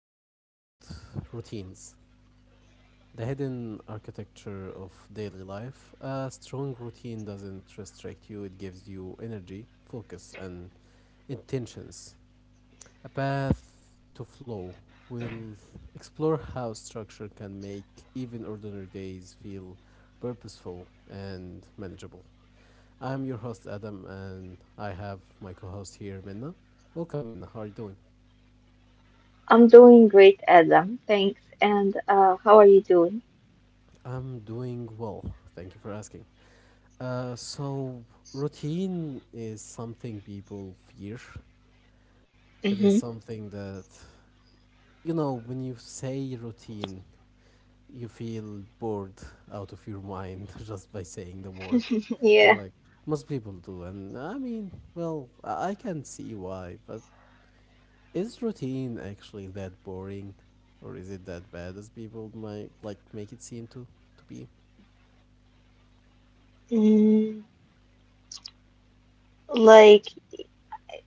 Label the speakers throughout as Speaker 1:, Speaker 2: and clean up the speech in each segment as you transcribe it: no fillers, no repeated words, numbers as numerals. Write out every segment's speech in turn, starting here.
Speaker 1: about routines, the hidden architecture of daily life. A strong routine doesn't restrict you, it gives you energy, focus, and intentions. A path to flow. We'll explore how structure can make even ordinary days feel purposeful and manageable. I'm your host, Adam, and I have my co host here, Minna. Welcome, Minna. How are you doing?
Speaker 2: I'm doing great, Adam. Thanks. And how are you doing?
Speaker 1: I'm doing well. Thank you for asking. So routine is something people fear. It is
Speaker 2: Hmm.
Speaker 1: something that when you say routine, you feel bored out of your mind just by saying the word. And
Speaker 2: Yeah.
Speaker 1: like most people do, and I mean, well, I can see why. But is routine actually that boring, or is it that bad as people might like make it seem to be?
Speaker 2: Mm, like,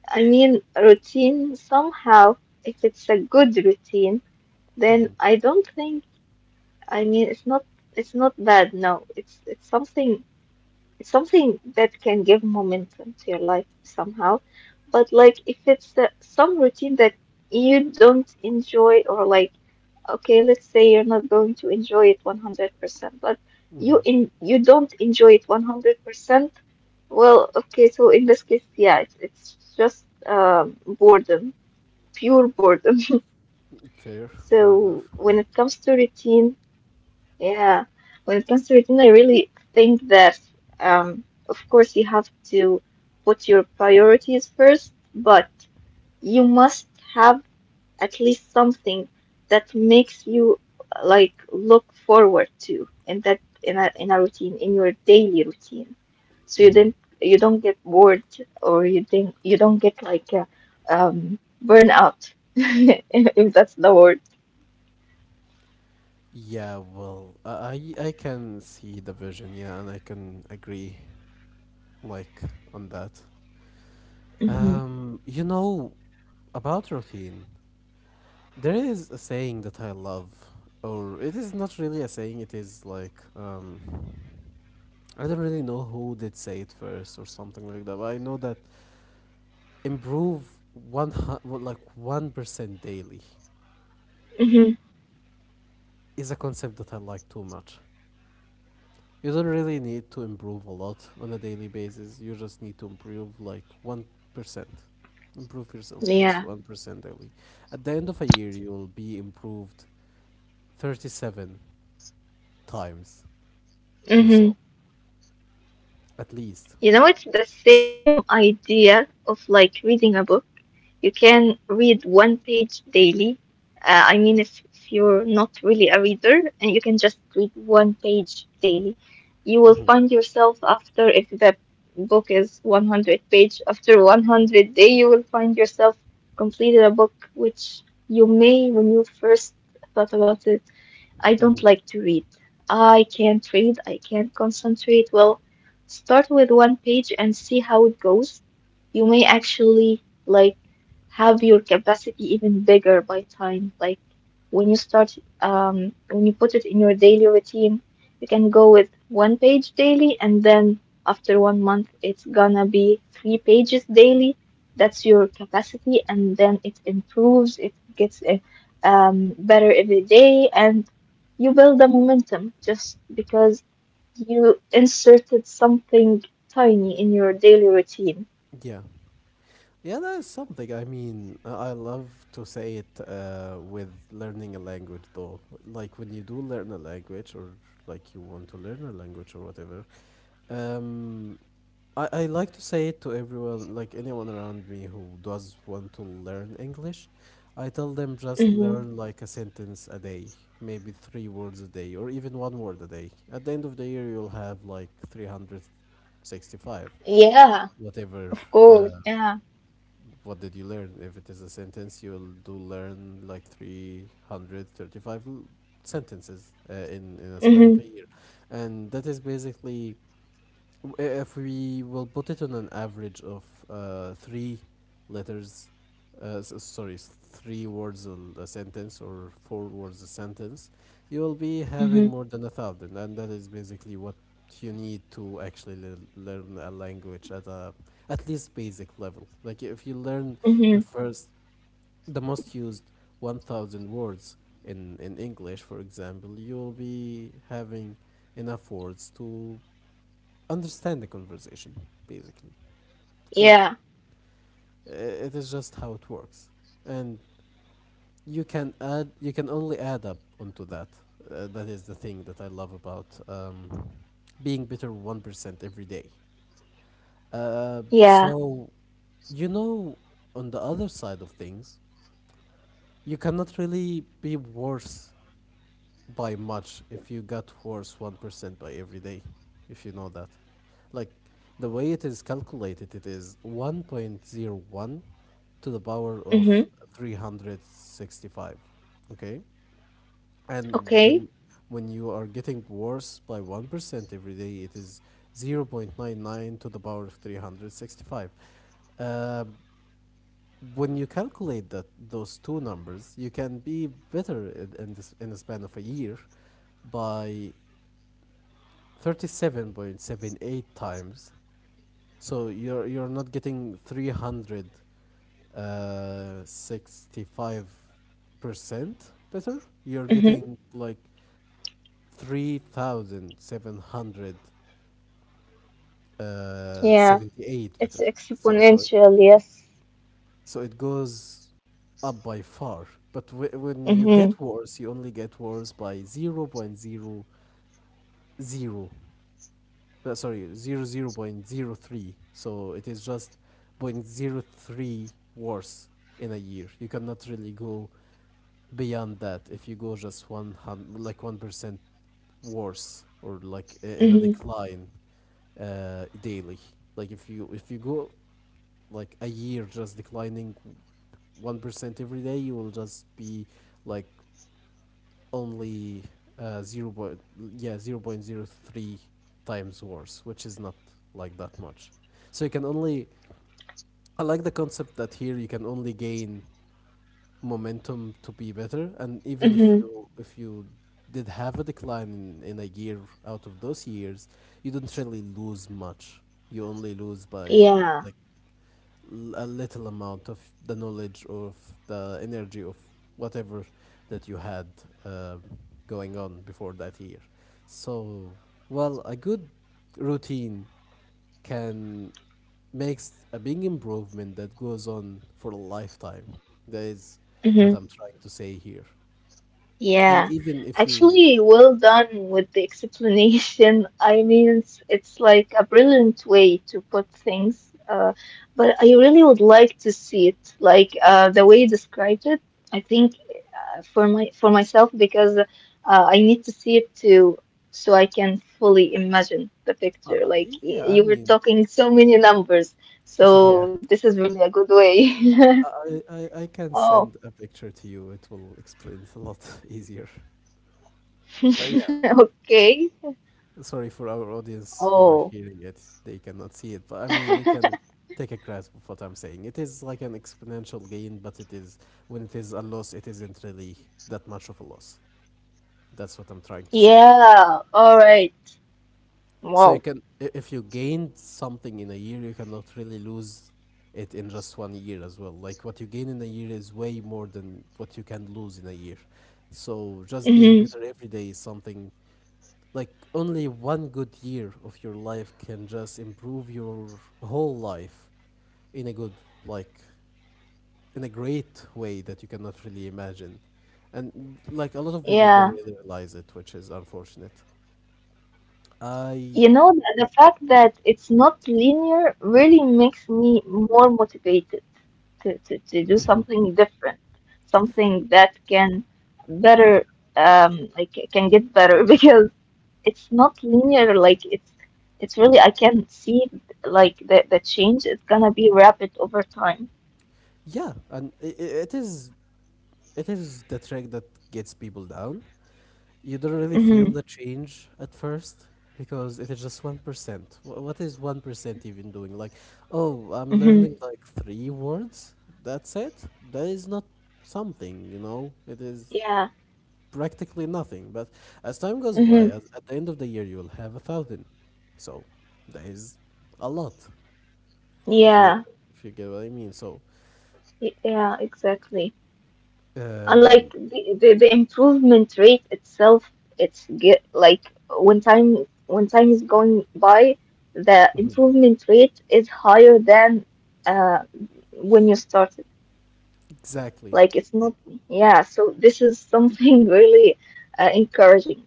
Speaker 2: I mean, routine somehow, if it's a good routine, then I don't think, I mean, it's not it's not. Bad. No, it's something that can give momentum to your life somehow. But like if it's some routine that you don't enjoy, or like okay, let's say you're not going to enjoy it 100%, but you
Speaker 1: Hmm.
Speaker 2: in you don't enjoy it 100%. Well, okay, so in this case, yeah, it's just boredom, pure boredom.
Speaker 1: Fair, fair
Speaker 2: So
Speaker 1: enough.
Speaker 2: when it comes to routine, yeah, when it comes to routine, I really think that, um, of course, you have to put your priorities first, but you must have at least something that makes you like look forward to in a routine, in your daily routine, so you
Speaker 1: Hmm.
Speaker 2: didn't you don't get bored, or you think you don't get like burn out if that's the word.
Speaker 1: Yeah, well, I can see the vision, yeah, and I can agree like on that.
Speaker 2: Hmm.
Speaker 1: Um, you know about routine. There is a saying that I love, or it is not really a saying. It is like I don't really know who did say it first or something like that. But I know that improve well, like 1% daily
Speaker 2: Hmm.
Speaker 1: is a concept that I like too much. You don't really need to improve a lot on a daily basis. You just need to improve like 1%. Improve yourself first
Speaker 2: Yeah.
Speaker 1: 1% daily. At the end of a year, you'll be improved 37 times
Speaker 2: Hmm.
Speaker 1: yourself, at least.
Speaker 2: You know, it's the same idea of like reading a book. You can read one page daily. I mean, if you're not really a reader, and you can just read one page daily, you will
Speaker 1: Hmm.
Speaker 2: find yourself after, if the book is 100 page, after 100 day, you will find yourself completed a book which you may, when you first thought about it, I don't
Speaker 1: Hmm.
Speaker 2: like to read. I can't read. I can't concentrate. Well, start with one page and see how it goes. You may actually like have your capacity even bigger by time. Like when you put it in your daily routine, you can go with one page daily, and then after 1 month, it's gonna be three pages daily. That's your capacity, and then it improves. It gets better every day, and you build a momentum just because you inserted something tiny in your daily routine.
Speaker 1: Yeah. Yeah, that is something. I mean, I love to say it with learning a language, though. Like when you do learn a language, or like you want to learn a language or whatever, um, I like to say it to everyone, like anyone around me who does want to learn English. I tell them just learn like a sentence a day, maybe three words a day, or even one word a day. At the end of the year, you'll have like 365.
Speaker 2: Yeah,
Speaker 1: Whatever,
Speaker 2: of
Speaker 1: uh,
Speaker 2: course. Yeah.
Speaker 1: what did you learn? If it is a sentence, you'll do learn like 335 sentences in a span of a
Speaker 2: Mm-hmm.
Speaker 1: year. And that is basically if we will put it on an average of three letters, sorry, three words a sentence or four words a sentence, you will be having
Speaker 2: Mm-hmm.
Speaker 1: more than a thousand, and that is basically what you need to actually learn a language at a at least basic level. Like if you learn the
Speaker 2: Mm-hmm.
Speaker 1: first, the most used 1,000 words in English, for example, you will be having enough words to understand the conversation basically
Speaker 2: Yeah.
Speaker 1: because uh, it is just how it works and you can only add up onto that. That is the thing that I love about being better 1% every day. uh,
Speaker 2: Yeah.
Speaker 1: so you know on the other side of things you cannot really be worse by much if you got worse 1% by every day, if you know that. Like, the way it is calculated, it is 1.01 to the power of
Speaker 2: Mm-hmm.
Speaker 1: 365. Okay? And
Speaker 2: Okay.
Speaker 1: when you are getting worse by 1% every day, it is 0.99 to the power of 365. Uh, when you calculate that those two numbers, you can be better in the span of a year by 37.78 times. So you're not getting 365% better. You're
Speaker 2: Mm-hmm.
Speaker 1: getting like 3,778
Speaker 2: Yeah. It's
Speaker 1: better. So it,
Speaker 2: exponential, yes.
Speaker 1: so it goes up by far. But when you
Speaker 2: Mm-hmm.
Speaker 1: get worse, you only get worse by 0.00, sorry, 0.03. So it is just 0.03 worse in a year. You cannot really go beyond that if you go just like 1% worse or like in a
Speaker 2: Mm-hmm.
Speaker 1: decline daily. Like if you go like a year just declining 1% every day, you will just be like only zero point yeah, 0.03 times worse, which is not like that much. So you can only I like the concept that here you can only gain momentum to be better, and even if
Speaker 2: Mm-hmm.
Speaker 1: you if you did have a decline in a year out of those years, you don't really lose much. You only lose by
Speaker 2: Yeah.
Speaker 1: like a little amount of the knowledge or the energy of whatever that you had uh, going on before that year. So, well, a good routine can makes a big improvement that goes on for a lifetime. That is what
Speaker 2: Mm-hmm.
Speaker 1: I'm trying to say here. And
Speaker 2: Yeah,
Speaker 1: even if you,
Speaker 2: actually, well done with the explanation. I mean, it's like a brilliant way to put things. But I really would like to see it, like the way you described it. I think, for myself, because I need to see it too, so I can fully imagine the
Speaker 1: uh,
Speaker 2: picture.
Speaker 1: uh,
Speaker 2: Like y-
Speaker 1: yeah, I
Speaker 2: you were
Speaker 1: mean,
Speaker 2: talking so many numbers,
Speaker 1: yeah,
Speaker 2: so this is really a good way.
Speaker 1: I can
Speaker 2: Oh.
Speaker 1: send a picture to you. It will explain it a lot easier. But yeah.
Speaker 2: Okay.
Speaker 1: Sorry for our audience who are
Speaker 2: Oh.
Speaker 1: hearing it. They cannot see it, but I mean, you can take a grasp of what I'm saying. It is like an exponential gain, but it is when it is a loss, it isn't really that much of a loss. That's what I'm trying to say.
Speaker 2: Yeah, all right.
Speaker 1: So,
Speaker 2: Wow.
Speaker 1: if you gained something in a year, you cannot really lose it in just one year as well. Like what you gain in a year is way more than what you can lose in a year. So just being
Speaker 2: Hmm.
Speaker 1: better every day is something like only one good year of your life can just improve your whole life in a good like in a great way that you cannot really imagine and like a lot of people don't
Speaker 2: Yeah.
Speaker 1: really realize it which is unfortunate.
Speaker 2: You
Speaker 1: i
Speaker 2: know, the fact that it's not linear really makes me more motivated to, do something different, something that can
Speaker 1: yeah,
Speaker 2: better, like it can get better because it's not linear. Like it's really, I can see like the change is gonna be rapid over time.
Speaker 1: yeah, and it is it is the track that gets people down. You don't really
Speaker 2: Mm-hmm.
Speaker 1: feel the change at first because it is just 1%. What is 1% even doing? Like, oh, I'm learning
Speaker 2: Mm-hmm.
Speaker 1: like three words. That's it. That is not something, you know? It is
Speaker 2: Yeah.
Speaker 1: practically nothing. But as time goes by,
Speaker 2: Mm-hmm.
Speaker 1: at the end of the year, you'll have a thousand. So that is a lot, if you
Speaker 2: Yeah.
Speaker 1: if you get what I mean. So,
Speaker 2: Yeah, exactly.
Speaker 1: um,
Speaker 2: Unlike the, improvement rate itself, it's get like when time, is going by, the improvement rate is higher than uh when you started,
Speaker 1: exactly.
Speaker 2: like it's not yeah, so this is something really encouraging.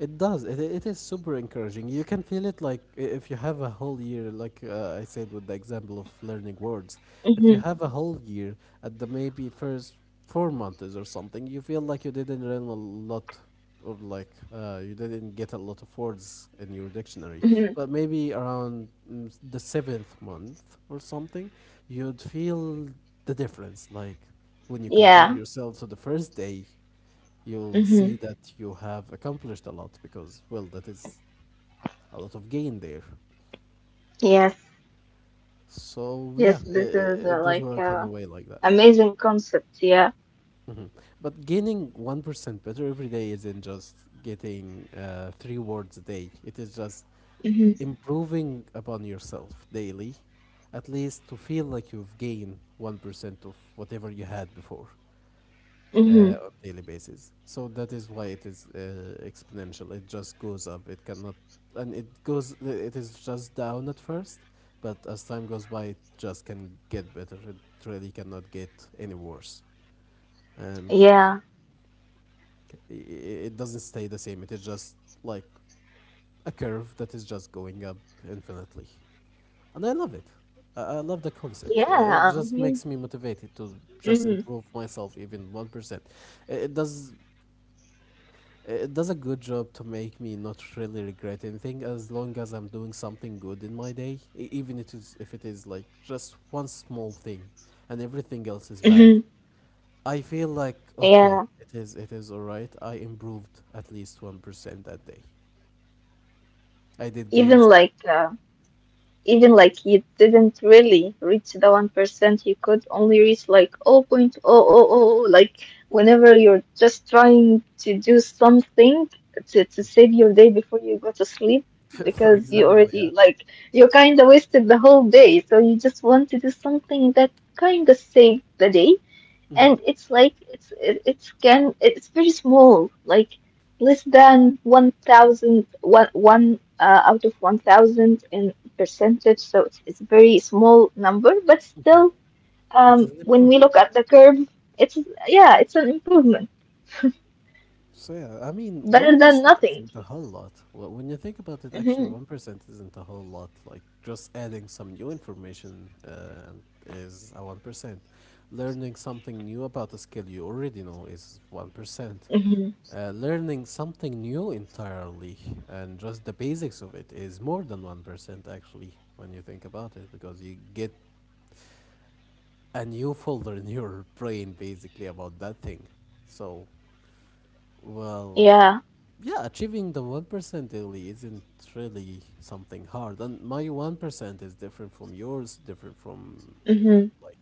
Speaker 1: It does. It is super encouraging. You can feel it like if you have a whole year, like I said with the example of learning words, if you
Speaker 2: Hmm.
Speaker 1: have a whole year at the maybe first 4 months or something, you feel like you didn't learn a lot or like you didn't get a lot of words in your dictionary.
Speaker 2: Hmm.
Speaker 1: But maybe around the seventh month or something, you'd feel the difference. Like when you compare
Speaker 2: Yeah.
Speaker 1: yourself to the first day, you'll
Speaker 2: Hmm.
Speaker 1: see that you have accomplished a lot because, well, that is a lot of gain there.
Speaker 2: Yes,
Speaker 1: So, yeah,
Speaker 2: yes,
Speaker 1: it,
Speaker 2: this is
Speaker 1: it does
Speaker 2: like
Speaker 1: work in a way like that.
Speaker 2: amazing concept. Yeah.
Speaker 1: Mhm. But gaining 1% better every day isn't just getting three words a day, it is just
Speaker 2: Hmm.
Speaker 1: improving upon yourself daily, at least to feel like you've gained 1% of whatever you had before.
Speaker 2: Hmm.
Speaker 1: On daily basis. So that is why it is exponential. It just goes up. It cannot, and it goes. It is just down at first, but as time goes by, it just can get better. It really cannot get any worse, and
Speaker 2: Yeah,
Speaker 1: it doesn't stay the same. It is just like a curve that is just going up infinitely, and I love it. I love the concept. It
Speaker 2: yeah, I
Speaker 1: just
Speaker 2: mean.
Speaker 1: makes me motivated to just
Speaker 2: Hmm.
Speaker 1: improve myself even 1%. It it does It does a good job to make me not really regret anything as long as I'm doing something good in my day, even it is if it is like just one small thing and everything else is bad.
Speaker 2: Hmm.
Speaker 1: I feel like okay,
Speaker 2: Yeah.
Speaker 1: it is alright. I improved at least 1% that day. I did gain
Speaker 2: even
Speaker 1: something.
Speaker 2: like uh, even like you didn't really reach the 1%, you could only reach like 0.000 point zero zero zero, like whenever you're just trying to do something to, save your day before you go to sleep,
Speaker 1: For
Speaker 2: because you
Speaker 1: example, yeah.
Speaker 2: already like you kind of wasted the whole day, so you just want to do something that kind of saved the day.
Speaker 1: Hmm.
Speaker 2: And it's like it's it, it's can it's very small, like less than one thousand one one out of 1,000 in percentage, so it's a very small number. But
Speaker 1: Hmm.
Speaker 2: still,
Speaker 1: It is an
Speaker 2: when we look
Speaker 1: improvement.
Speaker 2: at the curve, it's, Yeah, it's an improvement.
Speaker 1: So yeah, I mean,
Speaker 2: Better than
Speaker 1: 1%
Speaker 2: nothing.
Speaker 1: isn't a whole lot. When you think about it, actually,
Speaker 2: Hmm.
Speaker 1: 1% isn't a whole lot. Like, just adding some new information is a 1%. Learning something new about a skill you already know is 1%.
Speaker 2: Hmm.
Speaker 1: Learning something new entirely and just the basics of it is more than 1%, actually, when you think about it, because you get a new folder in your brain basically about that thing. So, well,
Speaker 2: Yeah.
Speaker 1: yeah, achieving the 1% daily isn't really something hard. And my 1% is different from yours, different from
Speaker 2: Hmm.
Speaker 1: like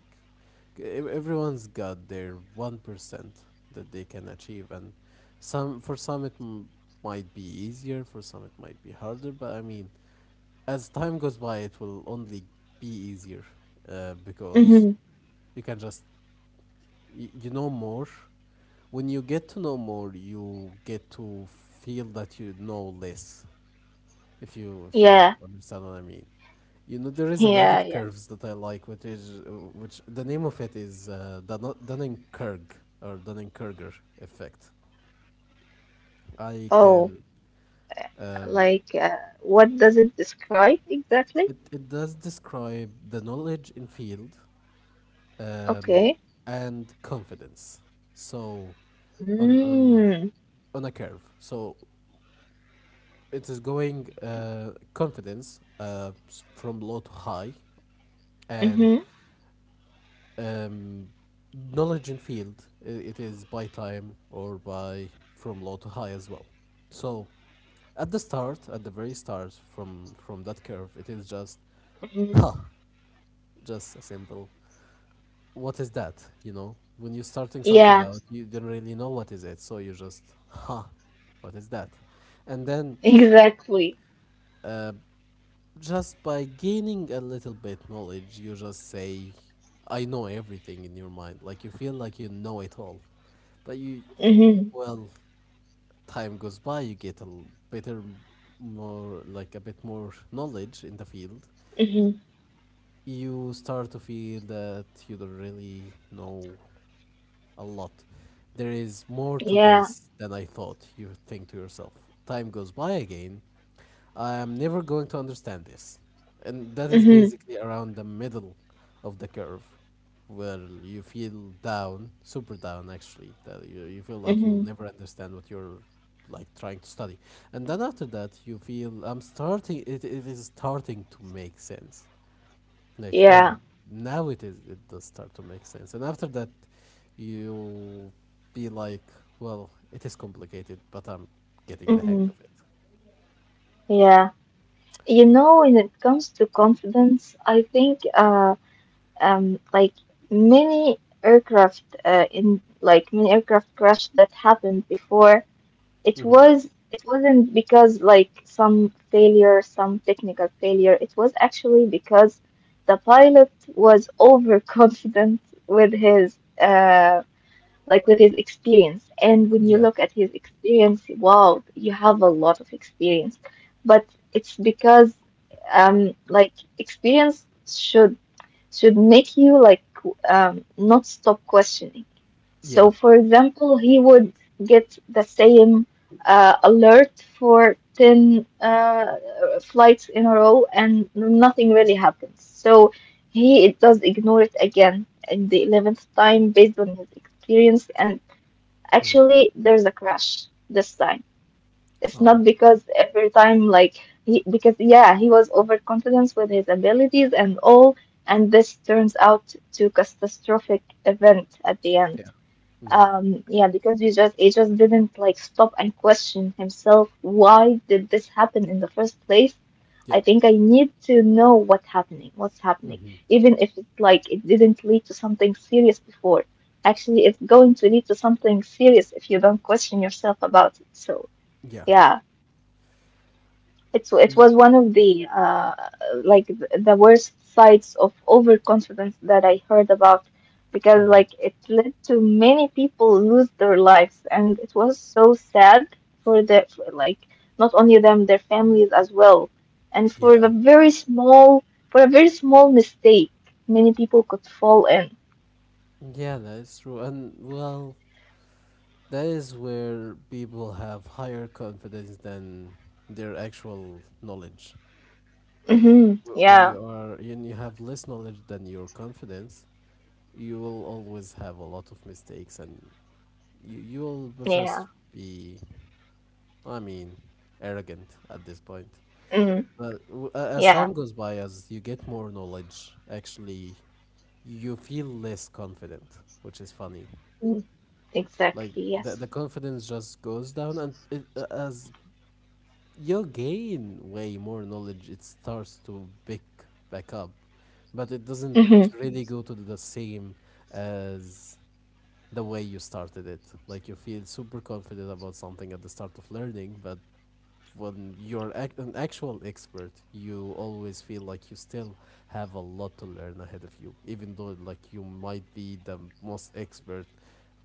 Speaker 1: everyone's got their 1% that they can achieve. And some for some it might be easier, for some it might be harder. But I mean, as time goes by, it will only be easier because
Speaker 2: Hmm.
Speaker 1: you can just you know more. When you get to know more, you get to feel that you know less. If you
Speaker 2: Yeah.
Speaker 1: understand what I mean. You know, there is another
Speaker 2: Yeah. Yeah.
Speaker 1: curves that I like, which the name of it is Dunning-Kruger or Dunning-Kruger effect. I
Speaker 2: Oh,
Speaker 1: can um,
Speaker 2: like what does it describe exactly?
Speaker 1: it it does describe the knowledge in field um,
Speaker 2: Okay.
Speaker 1: and confidence. So on on
Speaker 2: Mm-hmm.
Speaker 1: on a curve. So it is going confidence from low to high and
Speaker 2: Mm-hmm.
Speaker 1: um, knowledge in field, it is by time or by from low to high as well. So at the start, at the very start, from that curve it is just
Speaker 2: Mhm.
Speaker 1: huh, just a simple what is that. You know, when you're starting something
Speaker 2: Yeah,
Speaker 1: out you don't really know what is it, so you just huh, what is that. And then
Speaker 2: exactly.
Speaker 1: uh, just by gaining a little bit knowledge, you just say, I know everything in your mind. Like you feel like you know it all. But you,
Speaker 2: Mhm.
Speaker 1: well, time goes by, you get a better, more, like a bit more knowledge in the field.
Speaker 2: Mhm.
Speaker 1: You start to feel that you don't really know a lot. There is more to
Speaker 2: Yeah.
Speaker 1: this than I thought, you think to yourself. Time goes by again, I am never going to understand this. And that is
Speaker 2: Mhm.
Speaker 1: basically around the middle of the curve, where you feel down, super down actually, that you feel like you'll
Speaker 2: Mhm.
Speaker 1: never understand what you're like trying to study. And then after that, you feel I'm starting, it is starting to make sense. Like, oh,
Speaker 2: Yeah.
Speaker 1: now it is, it does start to make sense. And after that, you be like, well, it is complicated, but I'm getting the hang
Speaker 2: Mhm.
Speaker 1: of it.
Speaker 2: Yeah. You know, when it comes to confidence, I think, like many aircraft in like many aircraft crash that happened before, it
Speaker 1: hmm
Speaker 2: was it wasn't because like some failure, some technical failure. It was actually because the pilot was overconfident with his like with his experience. And when you
Speaker 1: Yeah.
Speaker 2: look at his experience, wow, you have a lot of experience. But it's because, like, experience should, make you like not stop questioning.
Speaker 1: Yeah.
Speaker 2: So for example, he would get the same alert for 10 flights in a row, and nothing really happens. So he does ignore it again in the 11th time, based on his experience. And
Speaker 1: Mhm.
Speaker 2: actually, there's a crash this time. It's
Speaker 1: Oh.
Speaker 2: not because every time, like, because, yeah, he was overconfident with his abilities and all, and this turns out to catastrophic event at the end.
Speaker 1: Yeah. Mhm.
Speaker 2: Yeah, because we just he just didn't like stop and question himself. Why did this happen in the first place?
Speaker 1: Yeah.
Speaker 2: I think I need to know what's happening,
Speaker 1: Mhm.
Speaker 2: even if it's like it didn't lead to something serious before. Actually, it's going to lead to something serious if you don't question yourself about it. So,
Speaker 1: Yeah.
Speaker 2: yeah. It's it
Speaker 1: Ye-
Speaker 2: was one of the like the worst sides of overconfidence that I heard about, because
Speaker 1: Mhm.
Speaker 2: like it led to many people lose their lives, and it was so sad for the, like, not only them, their families as well, and for
Speaker 1: Yeah.
Speaker 2: the very small, for a very small mistake many people could fall in.
Speaker 1: Yeah, that is true. And well, that is where people have higher confidence than their actual knowledge.
Speaker 2: Hmm.
Speaker 1: Wh- When
Speaker 2: Yeah,
Speaker 1: you are when you have less knowledge than your confidence, you will always have a lot of mistakes and you'll just
Speaker 2: yeah.
Speaker 1: be, I mean, arrogant at this point.
Speaker 2: Mm,
Speaker 1: But as
Speaker 2: yeah.
Speaker 1: time goes by, as you get more knowledge, actually, you feel less confident, which is funny.
Speaker 2: Mm,
Speaker 1: Like
Speaker 2: exactly.
Speaker 1: the
Speaker 2: Yes.
Speaker 1: the confidence just goes down, and as you gain way more knowledge, it starts to pick back up, but it doesn't
Speaker 2: Hmm.
Speaker 1: really go to the same as the way you started it. Like you feel super confident about something at the start of learning, but when you're an actual expert, you always feel like you still have a lot to learn ahead of you, even though like you might be the most expert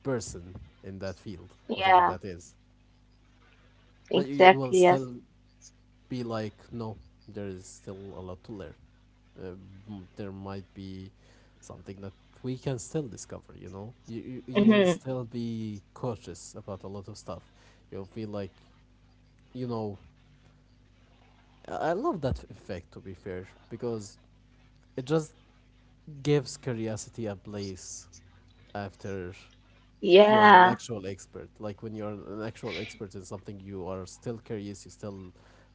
Speaker 1: person in that field, whatever
Speaker 2: Yeah,
Speaker 1: that is. But you will
Speaker 2: exactly. Yes.
Speaker 1: still be like, no, there is still a lot to learn. Uh, there might be something that we can still discover. You know, you will
Speaker 2: Hmm.
Speaker 1: still be cautious about a lot of stuff. You'll feel like, you know, I love that effect to be fair, because it just gives curiosity a place after you are an
Speaker 2: Yeah.
Speaker 1: actual expert. Like when you're an actual expert in something, you are still curious. You still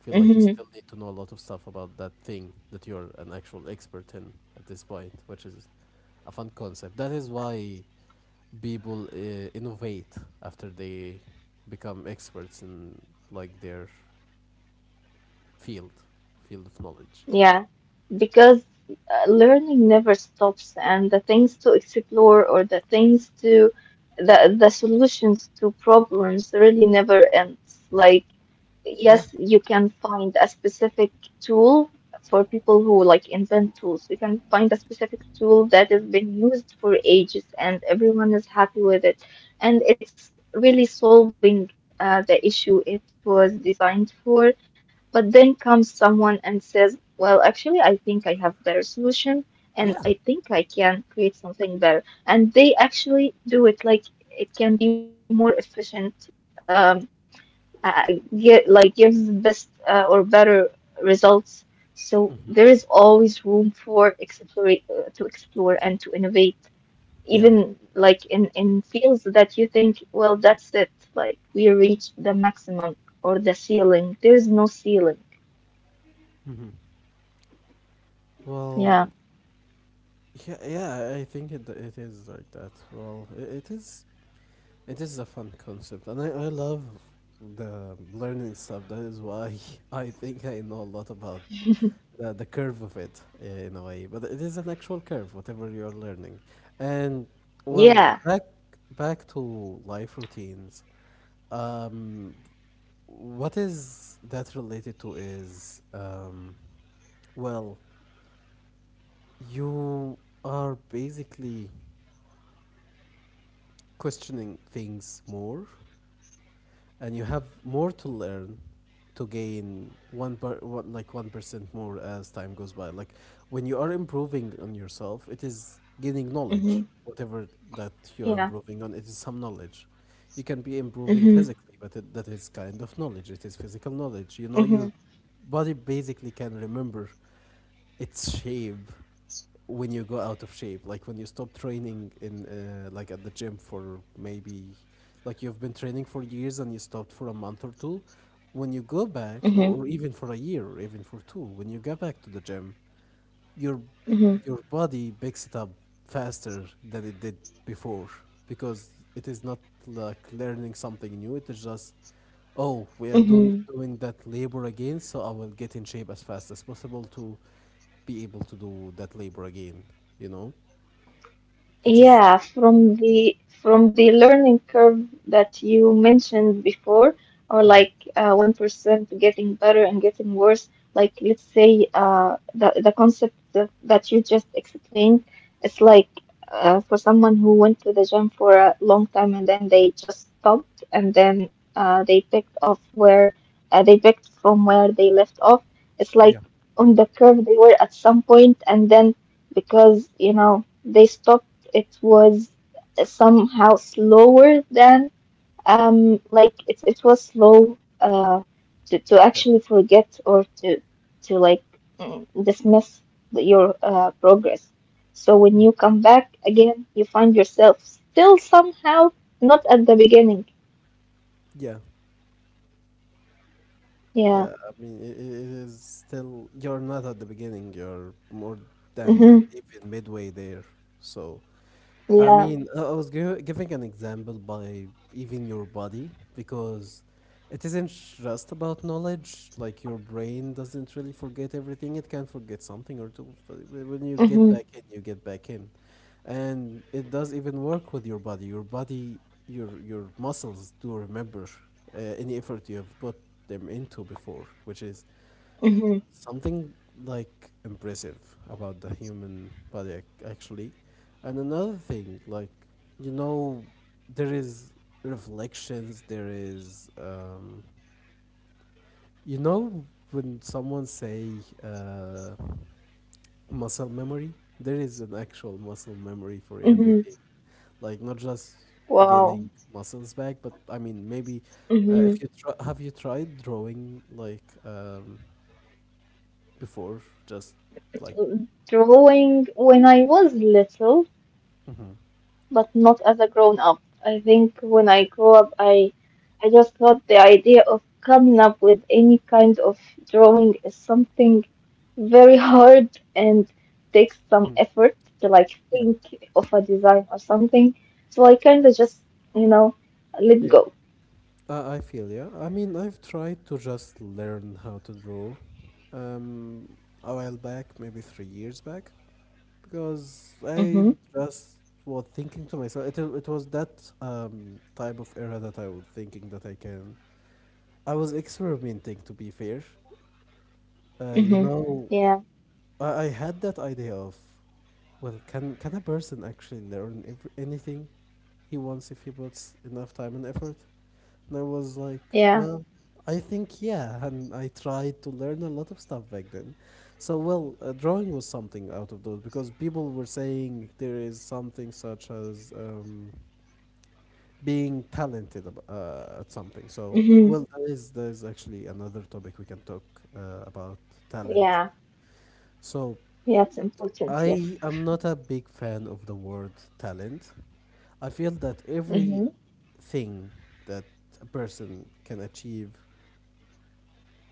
Speaker 1: feel like you
Speaker 2: Hmm.
Speaker 1: still need to know a lot of stuff about that thing that you're an actual expert in at this point, which is a fun concept. That is why people innovate after they become experts in like their field, field of knowledge.
Speaker 2: Yeah. Because, learning never stops, and the things to explore, or the things to, the solutions to problems really never ends. Like, yes,
Speaker 1: Yeah.
Speaker 2: you can find a specific tool. For people who like invent tools, you can find a specific tool that has been used for ages, and everyone is happy with it, and it's really solving the issue it was designed for. But then comes someone and says, well, actually, I think I have better solution, and I
Speaker 1: Yeah.
Speaker 2: think I can create something better. And they actually do it. Like, it can be more efficient, um, get like gives the best, or better, results. So there is always room for explore to explore and to innovate,
Speaker 1: Yeah.
Speaker 2: even like in fields that you think, well, that's it, like we reached the maximum or the ceiling. There is no ceiling.
Speaker 1: Well,
Speaker 2: Yeah.
Speaker 1: yeah, yeah, I think it it is like that. Well, it is a fun concept, and I love the learning stuff. That is why I think I know a lot about the curve of it in a way. But it is an actual curve, whatever you're learning. And well,
Speaker 2: Yeah.
Speaker 1: back to life routines. Um, what is that related to is well, you are basically questioning things more, and you have more to learn, to gain one per one, like 1% more as time goes by. Like when you are improving on yourself, it is gaining
Speaker 2: Hmm.
Speaker 1: knowledge. Whatever that you're
Speaker 2: Yeah.
Speaker 1: improving on, it is some knowledge. You can be improving
Speaker 2: Mm-hmm.
Speaker 1: physically, but that is kind of knowledge, it is physical knowledge. You know,
Speaker 2: Mm-hmm.
Speaker 1: your body basically can remember its shape when you go out of shape. Like when you stop training in like at the gym for maybe, like you've been training for years and you stopped for a month or two, when you go back,
Speaker 2: Mm-hmm.
Speaker 1: or even for a year or even for two, when you go back to the gym, your
Speaker 2: Mm-hmm.
Speaker 1: your body picks it up faster than it did before, because it is not like learning something new, it is just oh, we are
Speaker 2: Mm-hmm.
Speaker 1: doing that labor again, so I will get in shape as fast as possible to be able to do that labor again, you know, which is
Speaker 2: Yeah, from the learning curve that you mentioned before, or like,
Speaker 1: Mhm.
Speaker 2: 1% getting better and getting worse, like let's say, the, concept that, you just explained, it's like, for someone who went to the gym for a long time, and then they just stopped, and then they picked from where they left off. It's like
Speaker 1: Yeah,
Speaker 2: on the curve they were at some point, and then because you know they stopped, it was somehow slower than, like it was slow, to,
Speaker 1: yeah
Speaker 2: actually forget or to, like, dismiss your progress. So when you come back again, you find yourself still somehow not at the beginning.
Speaker 1: yeah.
Speaker 2: Yeah.
Speaker 1: Yeah, I mean, it is still, you're not at the beginning, you're more than
Speaker 2: Mhm.
Speaker 1: even midway there. So, I
Speaker 2: Yeah.
Speaker 1: mean, I giving an example by even your body, because it isn't just about knowledge. Like, your brain doesn't really forget everything, it can forget something or two. But when you get back
Speaker 2: Mhm.
Speaker 1: in, you get back in. And it does even work with your body. Your body, your muscles do remember any effort you have put them into before, which is
Speaker 2: Mhm.
Speaker 1: something like impressive about the human body actually. And another thing, like you know, there is reflections. There is you know, when someone say muscle memory, there is an actual muscle memory for everything.
Speaker 2: Mhm.
Speaker 1: Like not just gaining
Speaker 2: Wow.
Speaker 1: muscles back, but I mean maybe if
Speaker 2: Mhm.
Speaker 1: you try, have you tried drawing like before, just like
Speaker 2: Drawing when I was little,
Speaker 1: Mm-hmm.
Speaker 2: but not as a grown up. I think when I
Speaker 1: Fair.
Speaker 2: grew up, I just thought the idea of coming up with any kind of drawing is something very hard, and takes some
Speaker 1: Mhm.
Speaker 2: effort to like
Speaker 1: Yeah.
Speaker 2: think of a design or something. So I kind of just, you know, let
Speaker 1: Yeah.
Speaker 2: go.
Speaker 1: I feel yeah. I mean, I've tried to just learn how to draw, um, a while back, maybe 3 years back, because I
Speaker 2: Mm-hmm.
Speaker 1: just was thinking to myself. It was that um type of era that I was thinking that I can. I was experimenting to be fair. You
Speaker 2: Mm-hmm.
Speaker 1: know,
Speaker 2: Yeah,
Speaker 1: I had that idea of well, can a person actually learn anything he wants if he puts enough time and effort. And I was like,
Speaker 2: yeah.
Speaker 1: well, I think yeah. And I tried to learn a lot of stuff back then. So, well, drawing was something out of those, because people were saying there is something such as being talented at something. So,
Speaker 2: Mm-hmm.
Speaker 1: well, that is actually another topic we can talk about, talent.
Speaker 2: Yeah,
Speaker 1: So,
Speaker 2: yeah, it's important, yes.
Speaker 1: I am not a big fan of the word talent. I feel that every
Speaker 2: Mm-hmm.
Speaker 1: thing that a person can achieve,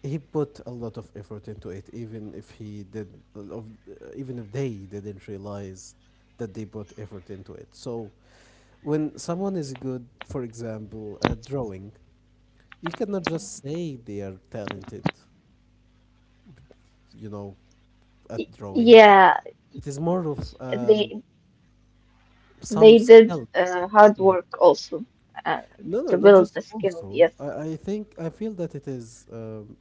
Speaker 1: he put a lot of effort into it. Even if he did of, even if they didn't realize that they put effort into it, so when someone is good, for example, at drawing, you cannot just say they are talented, you know, at drawing.
Speaker 2: Yeah,
Speaker 1: It is more of
Speaker 2: they
Speaker 1: some
Speaker 2: They did
Speaker 1: skills.
Speaker 2: hard
Speaker 1: Mhm.
Speaker 2: work also, uh,
Speaker 1: No, no,
Speaker 2: to
Speaker 1: not
Speaker 2: build the
Speaker 1: just
Speaker 2: skill,
Speaker 1: also.
Speaker 2: yes.
Speaker 1: I think I feel that it is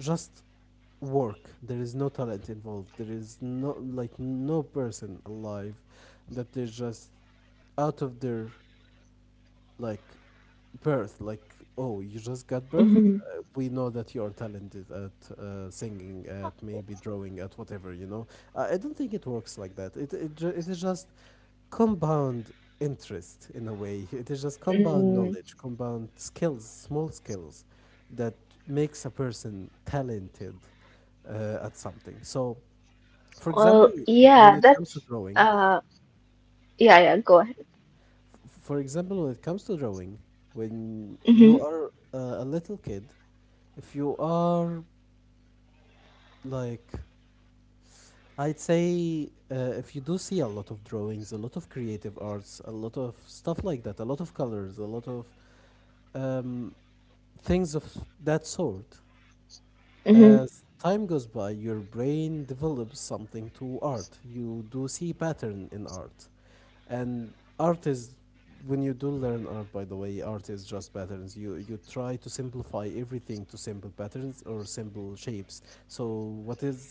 Speaker 1: just work. There is no talent involved. There is no like, no person alive that they just out of their like birth, like oh, you just got birth,
Speaker 2: Mhm.
Speaker 1: we know that you're talented at singing, at maybe drawing, at whatever, you know. I don't think it works like that. It is just compound interest in a way. It is just compound
Speaker 2: Mm,
Speaker 1: knowledge, compound skills, small skills that makes a person talented at something. So for example,
Speaker 2: well,
Speaker 1: when it comes to drawing,
Speaker 2: uh, yeah, yeah, go ahead.
Speaker 1: for example, when it comes to drawing, when you
Speaker 2: Mhm.
Speaker 1: are a little kid, if you are like, I'd say if you do see a lot of drawings, a lot of creative arts, a lot of stuff like that, a lot of colors, a lot of um, things of that sort,
Speaker 2: Mhm.
Speaker 1: as time goes by, your brain develops something to art. You do see pattern in art. And art is, when you do learn art, by the way art is just patterns. You try to simplify everything to simple patterns or simple shapes. So what is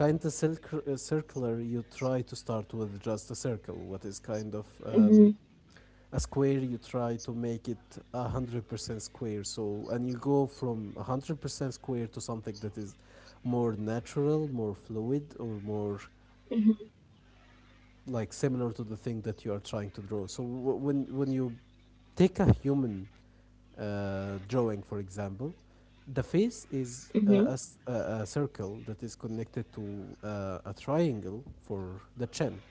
Speaker 1: kind of circular, you try to start with just a circle. What is kind of
Speaker 2: Mhm.
Speaker 1: a square, you try to make it 100% square. So, and you go from 100% square to something that is more natural, more fluid, or more
Speaker 2: Mhm.
Speaker 1: like similar to the thing that you are trying to draw. So when you take a human drawing, for example, the face is
Speaker 2: Mhm.
Speaker 1: a circle that is connected to a triangle for the chin,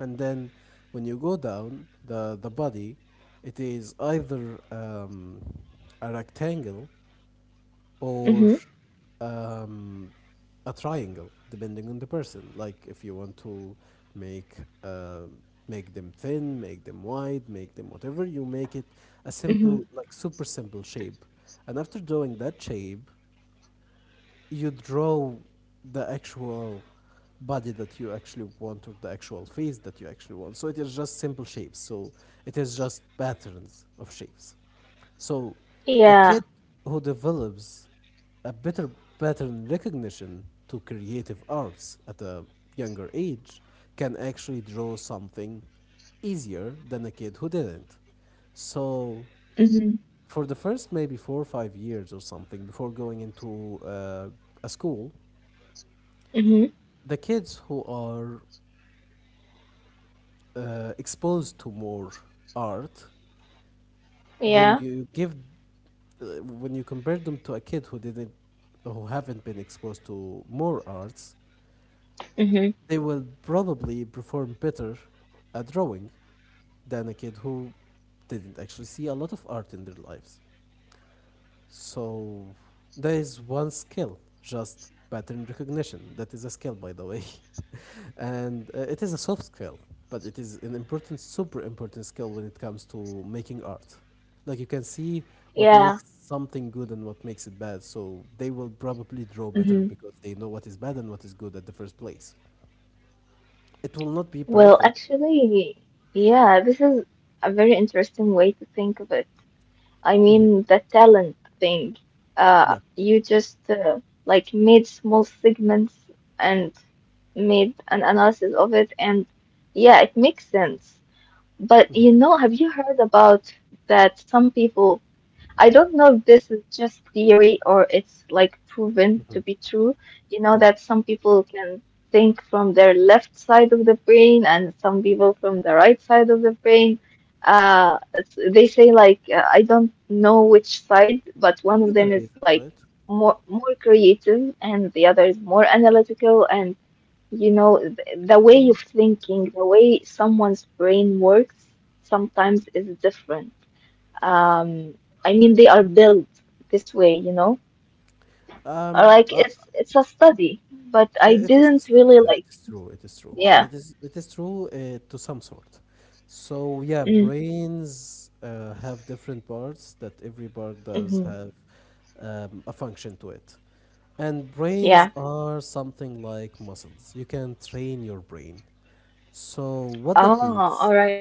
Speaker 1: and then when you go down the body, it is either a rectangle or
Speaker 2: Mhm.
Speaker 1: um, a triangle, depending on the person. Like if you want to make uh, make them thin, make them wide, make them whatever, you make it a
Speaker 2: Mhm.
Speaker 1: simple, like super simple shape. And after drawing that shape, you draw the actual body that you actually want or the actual face that you actually want. So it is just simple shapes. So it is just patterns of shapes. So a
Speaker 2: Yeah.
Speaker 1: kid who develops a better pattern recognition to creative arts at a younger age can actually draw something easier than a kid who didn't. So
Speaker 2: Mhm.
Speaker 1: for the first maybe 4 or 5 years or something before going into a school,
Speaker 2: Mhm.
Speaker 1: the kids who are exposed to more art,
Speaker 2: Yeah.
Speaker 1: when you give, when you compare them to a kid who didn't, who haven't been exposed to more arts,
Speaker 2: Mhm.
Speaker 1: they will probably perform better at drawing than a kid who didn't actually see a lot of art in their lives. So there is one skill, just pattern recognition. That is a skill, by the way, and it is a soft skill, but it is an important, super important skill when it comes to making art. Like you can see what
Speaker 2: Yeah.
Speaker 1: makes something good and what makes it bad, so they will probably draw better
Speaker 2: Mhm.
Speaker 1: because they know what is bad and what is good at the first place. It will not be
Speaker 2: Well,
Speaker 1: perfect.
Speaker 2: actually, yeah, this is a very interesting way to think of it. I
Speaker 1: Hmm.
Speaker 2: mean the talent thing.
Speaker 1: Yeah.
Speaker 2: You just, like, made small segments, and made an analysis of it, and yeah, it makes sense. But
Speaker 1: Hmm.
Speaker 2: you know, have you heard about that some people? I don't know if this is just theory or it's like proven to
Speaker 1: Hmm.
Speaker 2: be true. You know
Speaker 1: Yeah.
Speaker 2: that some people can think from their left side of the brain, and some people from the right side of the brain. They say like I don't know which side, but one
Speaker 1: I'd
Speaker 2: of
Speaker 1: get a
Speaker 2: them is
Speaker 1: reason, to
Speaker 2: like
Speaker 1: it.
Speaker 2: more creative and the other is more analytical. And you know the way
Speaker 1: I-
Speaker 2: of thinking, the way someone's brain works sometimes is different. Um, I mean, they are built this way, you know? Uh,
Speaker 1: Um,
Speaker 2: Like
Speaker 1: uh,
Speaker 2: it's it's a study, but I
Speaker 1: It is,
Speaker 2: didn't
Speaker 1: just,
Speaker 2: really
Speaker 1: yeah, it
Speaker 2: like.
Speaker 1: is true. It is true.
Speaker 2: Yeah.
Speaker 1: It is true to some sort. So yeah,
Speaker 2: Mm,
Speaker 1: brains have different parts that every part does
Speaker 2: hmm.
Speaker 1: have a function to it. And brains
Speaker 2: Yeah.
Speaker 1: are something like muscles. You can train your brain. So what that
Speaker 2: Oh, all
Speaker 1: means
Speaker 2: right.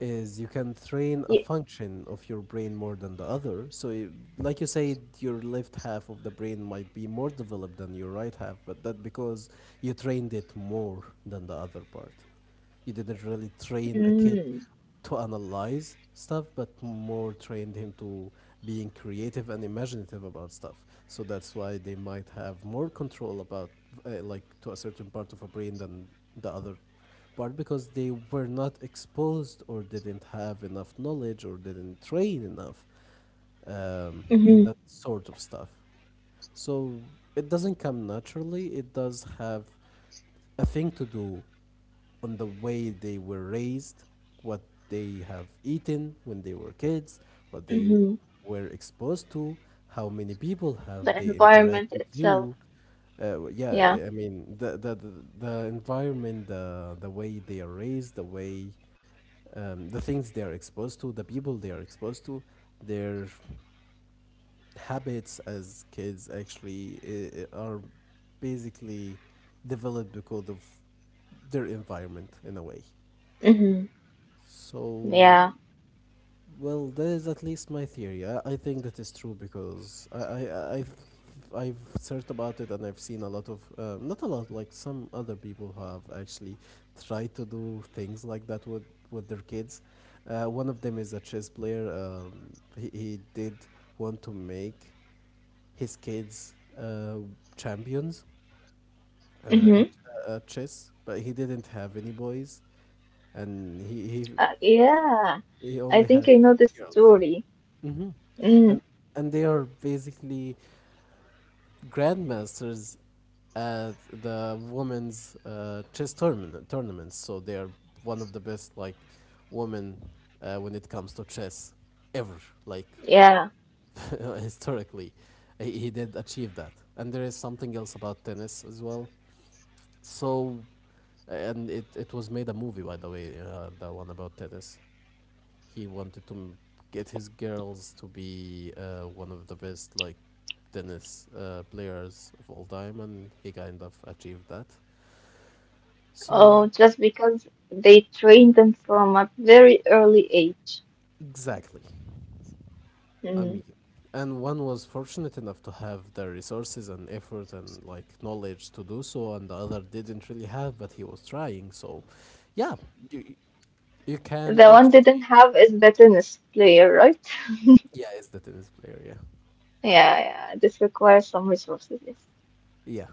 Speaker 1: is you can train a
Speaker 2: Ye-
Speaker 1: function of your brain more than the other. Like you said, your left half of the brain might be more developed than your right half, but that because you trained it more than the other part. You didn't really train a kid
Speaker 2: Mm,
Speaker 1: to analyze stuff, but more trained him to being creative and imaginative about stuff. So that's why they might have more control about, like, to a certain part of a brain than the other part because they were not exposed or didn't have enough knowledge or didn't train enough in
Speaker 2: hmm.
Speaker 1: that sort of stuff. So it doesn't come naturally. It does have a thing to do on the way they were raised, what they have eaten when they were kids, what they
Speaker 2: Hmm.
Speaker 1: were exposed to, how many people
Speaker 2: The
Speaker 1: have they interact
Speaker 2: environment
Speaker 1: with
Speaker 2: itself.
Speaker 1: you, yeah,
Speaker 2: Yeah.
Speaker 1: I mean the the environment, the way they are raised, the way the things they are exposed to, the people they are exposed to, their habits as kids actually are basically developed because of their environment in a way.
Speaker 2: Hmm.
Speaker 1: So
Speaker 2: Yeah.
Speaker 1: well, that is at least my theory. I think that is true because I, I've, I've searched about it and I've seen a lot of, not a lot, like some other people have actually tried to do things like that with their kids. One of them is a chess player. He did want to make his kids champions
Speaker 2: Hmm.
Speaker 1: in chess, but he didn't have any boys and he,
Speaker 2: Yeah.
Speaker 1: he, he
Speaker 2: I
Speaker 1: only
Speaker 2: think
Speaker 1: had
Speaker 2: I know this
Speaker 1: girls.
Speaker 2: story.
Speaker 1: Hmm.
Speaker 2: Mm,
Speaker 1: And and they are basically grandmasters at the women's chess tournaments. So they are one of the best like women when it comes to chess ever. Like
Speaker 2: yeah.
Speaker 1: historically, he did achieve that. And there is something else about tennis as well. So and it was made a movie by the way, the one about tennis. He wanted to m- Get his girls to be one of the best like tennis players of all time, and he kind of achieved that. So,
Speaker 2: Oh, just because they trained them from a very early age.
Speaker 1: exactly. I
Speaker 2: Mm.
Speaker 1: mean, and one was fortunate enough to have the resources and effort and like knowledge to do so, and the other didn't really have, but he was trying. So, yeah, you you can
Speaker 2: The one didn't
Speaker 1: actually,
Speaker 2: have is the tennis player, right?
Speaker 1: yeah, it's the tennis player, yeah,
Speaker 2: Yeah, yeah. This requires some resources, yes.
Speaker 1: yeah.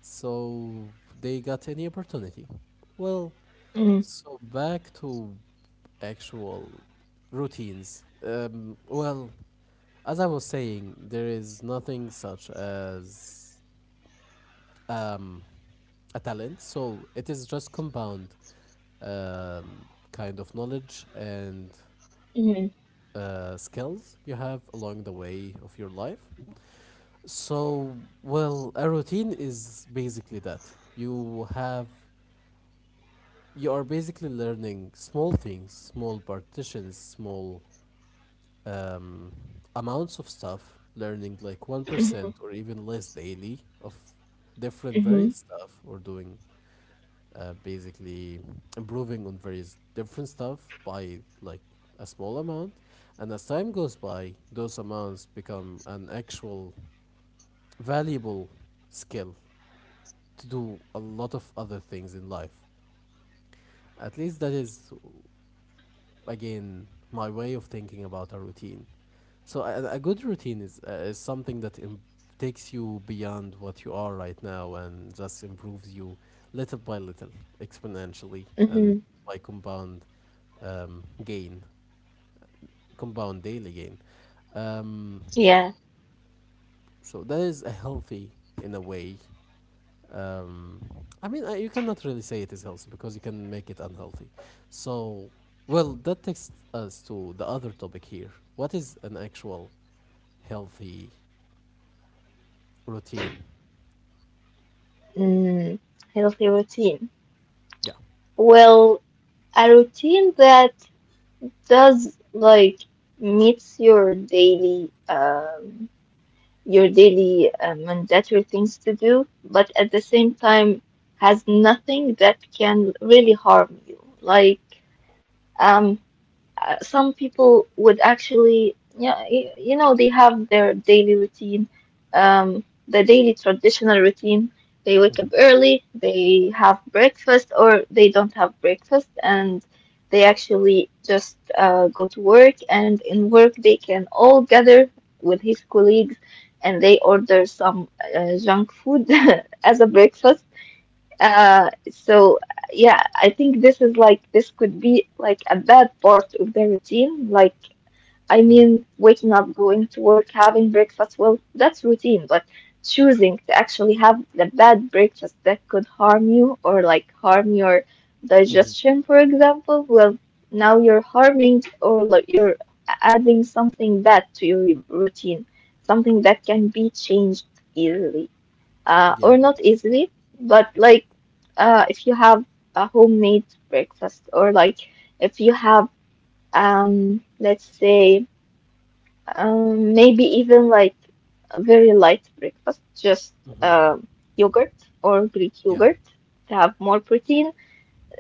Speaker 1: So they got any opportunity. Well,
Speaker 2: Mm-hmm.
Speaker 1: so back to actual routines. Well, as I was saying, there is nothing such as um, a talent, so it is just compound kind of knowledge and skills you have along the way of your life. So, well, a routine is basically that you are basically learning small things, small partitions, small um, amounts of stuff, learning like
Speaker 2: Mm-hmm.
Speaker 1: 1% or even less daily of different
Speaker 2: Mm-hmm.
Speaker 1: various stuff, or doing basically improving on various different stuff by like a small amount. And as time goes by, those amounts become an actual valuable skill to do a lot of other things in life. At least that is, again, my way of thinking about a routine. So a good routine is something that takes you beyond what you are right now and just improves you little by little, exponentially, and
Speaker 2: Mm-hmm.
Speaker 1: by compound gain, compound daily gain. Um,
Speaker 2: Yeah.
Speaker 1: so that is a healthy in a way. Um, I mean, you cannot really say it is healthy because you can make it unhealthy. So, well, that takes us to the other topic here. What is an actual healthy routine?
Speaker 2: Mm. Healthy routine.
Speaker 1: Yeah.
Speaker 2: Well, a routine that does like meets your daily mandatory things to do, but at the same time has nothing that can really harm you. Like um some people would actually, yeah, you know, they have their daily routine, the daily traditional routine. They wake
Speaker 1: Mm-hmm.
Speaker 2: up early, they have breakfast, or they don't have breakfast, and they actually just go to work. And in work, they can all gather with his colleagues and they order some junk food as a breakfast so yeah, I think this is like this could be like a bad part of the routine. Like, I
Speaker 1: Mm-hmm.
Speaker 2: mean, waking up, going to work, having breakfast, well, that's routine, but choosing to actually have the bad breakfast that could harm you or like harm your
Speaker 1: Mm-hmm.
Speaker 2: digestion, for example, well, now you're harming or like you're adding something bad to your routine, something that can be changed easily
Speaker 1: Yeah.
Speaker 2: or not easily, but like if you have a homemade breakfast, or like if you have, let's say, maybe even like a very light breakfast, just
Speaker 1: Mm-hmm.
Speaker 2: um yogurt or Greek
Speaker 1: Yeah.
Speaker 2: yogurt to have more protein,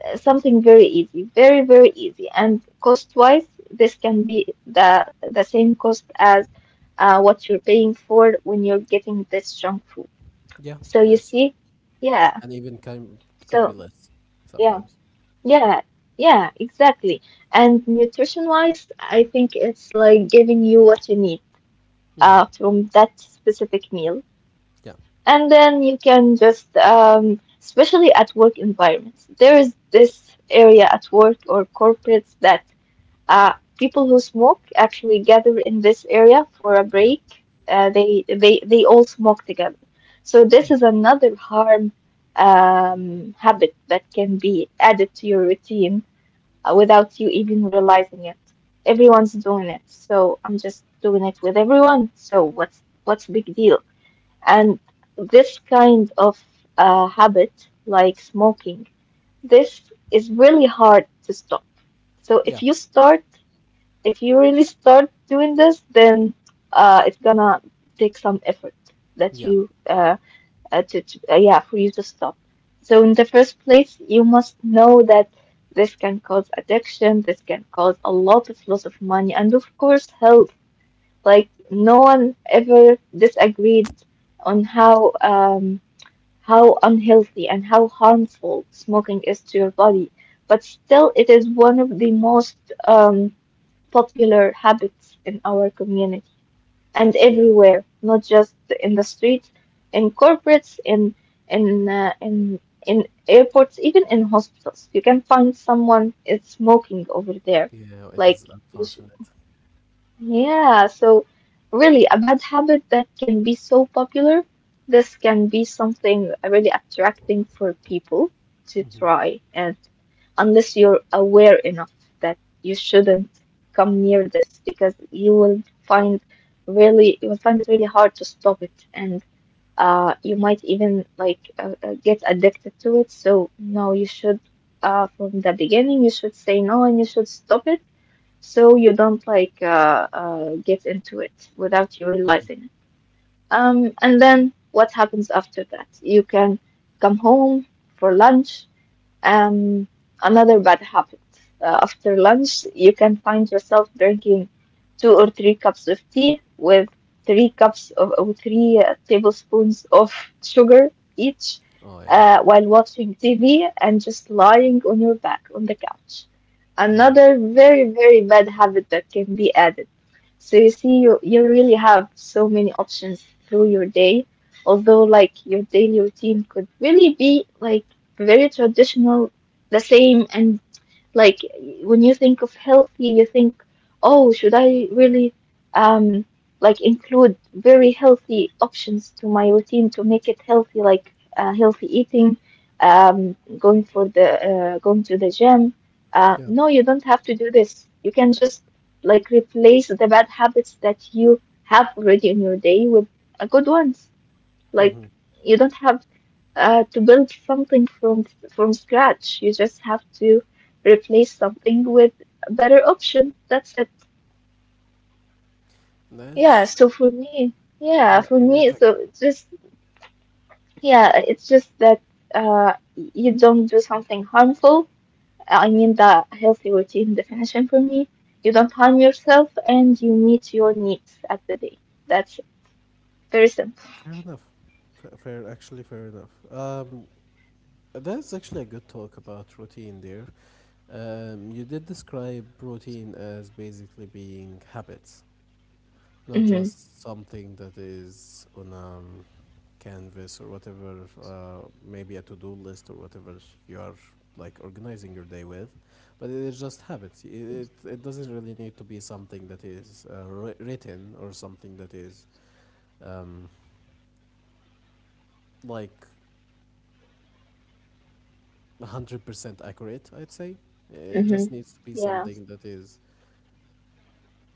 Speaker 2: something very easy, very, very easy. And cost-wise, this can be the same cost as what you're paying for when you're getting this junk food.
Speaker 1: Yeah.
Speaker 2: So you
Speaker 1: This
Speaker 2: see, yeah.
Speaker 1: and even can could be
Speaker 2: So,
Speaker 1: less
Speaker 2: yeah,
Speaker 1: sometimes.
Speaker 2: yeah, yeah, exactly. And nutrition-wise, I think it's like giving you what you need
Speaker 1: Mm-hmm.
Speaker 2: from that specific meal.
Speaker 1: Yeah.
Speaker 2: And then you can just, especially at work environments, there is this area at work or corporates that uh, people who smoke actually gather in this area for a
Speaker 1: Yeah.
Speaker 2: break. They all smoke together. So this is another harm habit that can be added to your routine without you even realizing it. Everyone's doing it, so I'm just doing it with everyone. So what's the big deal? And this kind of habit, like smoking, this is really hard to stop. So
Speaker 1: Yeah.
Speaker 2: if you really start doing this, then it's gonna take some effort that
Speaker 1: Yeah.
Speaker 2: you to yeah for you to stop. So in the first place, you must know that this can cause addiction. This can cause a lot of loss of money and of course health. Like no one ever disagreed on how unhealthy and how harmful smoking is to your body. But still, it is one of the most um popular habits in our community and
Speaker 1: Yeah.
Speaker 2: everywhere, not just in the streets, in corporates, in uh, in in airports, even in hospitals. You can find someone is smoking over there.
Speaker 1: Yeah. It
Speaker 2: Like
Speaker 1: is
Speaker 2: you
Speaker 1: unfortunate.
Speaker 2: yeah, so really, a bad habit that can be so popular, this can be something really attracting for people to
Speaker 1: Mm-hmm.
Speaker 2: try. And unless you're aware enough that you shouldn't come near this, because you will find really, you will find it really hard to stop it. And you might even like get addicted to it. So no, you should from the beginning, you should say no and you should stop it so you don't like get into it without you
Speaker 1: Mm-hmm.
Speaker 2: realizing it. And then what happens after that? You can come home for lunch um, another bad habit. After lunch, you can find yourself drinking two or three cups of tea with three cups of or three tablespoons of sugar each,
Speaker 1: Oh yeah.
Speaker 2: while watching TV and just lying on your back on the couch.
Speaker 1: Mm-hmm.
Speaker 2: Another very, very bad habit that can be added. So you see, you really have so many options through your day, although like your daily routine could really be like very traditional, the same. And like when you think of healthy, you think, oh, should I really um like include very healthy options to my routine to make it healthy, like healthy eating, going for the going to the gym.
Speaker 1: Yeah.
Speaker 2: No, you don't have to do this. You can just like replace the bad habits that you have already in your day with a good ones. Like
Speaker 1: Mm-hmm.
Speaker 2: you don't have to build something from scratch. You just have to replace something with a better option. That's it. Yeah,
Speaker 1: That's
Speaker 2: so for me, yeah,
Speaker 1: yeah.
Speaker 2: for
Speaker 1: I
Speaker 2: me, so
Speaker 1: agree.
Speaker 2: it's just yeah, it's just that you don't do something harmful. I mean the healthy routine definition for me. You don't harm yourself and you meet your needs at the day. That's it. Very simple.
Speaker 1: Fair enough. Fair, fair. Actually, fair enough. That's actually a good talk about routine there. You did describe routine as basically being habits, not
Speaker 2: Mhm.
Speaker 1: just something that is on a canvas or whatever, maybe a to do list or whatever you are like organizing your day with, but it is just habits. It, it doesn't really need to be something that is written or something that is um, like 100% accurate, I'd say. It just
Speaker 2: Mhm.
Speaker 1: needs to be
Speaker 2: Yeah.
Speaker 1: something that is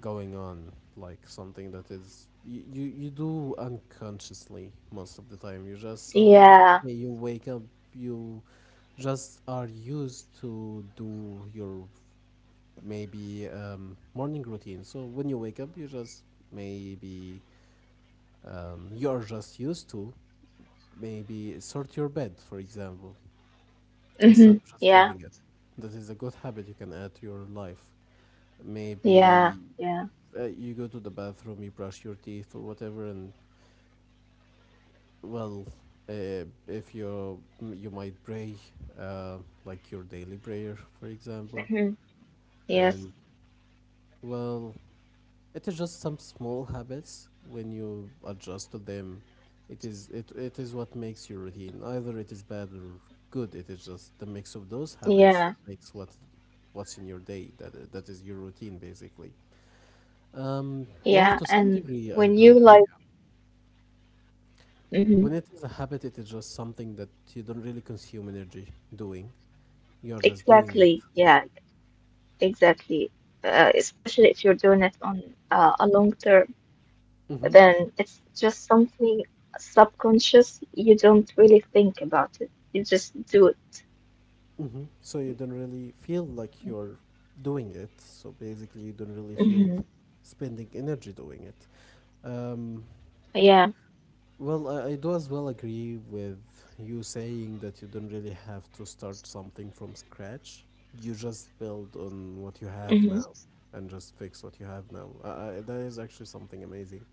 Speaker 1: going on, like something that is you, you do unconsciously most of the time. You just some
Speaker 2: Yeah.
Speaker 1: okay, you wake up, you just are used to do your maybe morning routine. So when you wake up, you just maybe you're just used to maybe sort your bed, for example, instead
Speaker 2: Mhm.
Speaker 1: of just
Speaker 2: Yeah.
Speaker 1: leaving it. That is a good habit you can add to your life.
Speaker 2: Yeah.
Speaker 1: Maybe
Speaker 2: Yeah.
Speaker 1: you go to the bathroom, you brush your teeth or whatever, and well, if you you might pray, uh, like your daily prayer, for example,
Speaker 2: Mhm. Yes.
Speaker 1: and well, it is just some small habits. When you adjust to them, it is what makes your routine. Either it is bad or good. It is just the mix of those habits that
Speaker 2: Yeah,
Speaker 1: makes what what's in your day. That is your routine, basically.
Speaker 2: yeah,
Speaker 1: Well, to some
Speaker 2: and
Speaker 1: degree, I
Speaker 2: when
Speaker 1: do
Speaker 2: you
Speaker 1: agree.
Speaker 2: like, hmm.
Speaker 1: When it is a habit, it is just something that you don't really consume energy doing. You're just doing it.
Speaker 2: Exactly, yeah, exactly. Especially if you're doing it on a long term,
Speaker 1: Hmm.
Speaker 2: then it's just something subconscious. You don't really think about it. You just do it.
Speaker 1: Hmm. So you don't really feel like you're doing it. So basically, you don't really feel
Speaker 2: Hmm.
Speaker 1: spending energy doing it. Um,
Speaker 2: Yeah.
Speaker 1: Well, I do as well agree with you saying that you don't really have to start something from scratch. You just build on
Speaker 2: Hmm.
Speaker 1: what you have now and just fix what you have now. That is actually something amazing.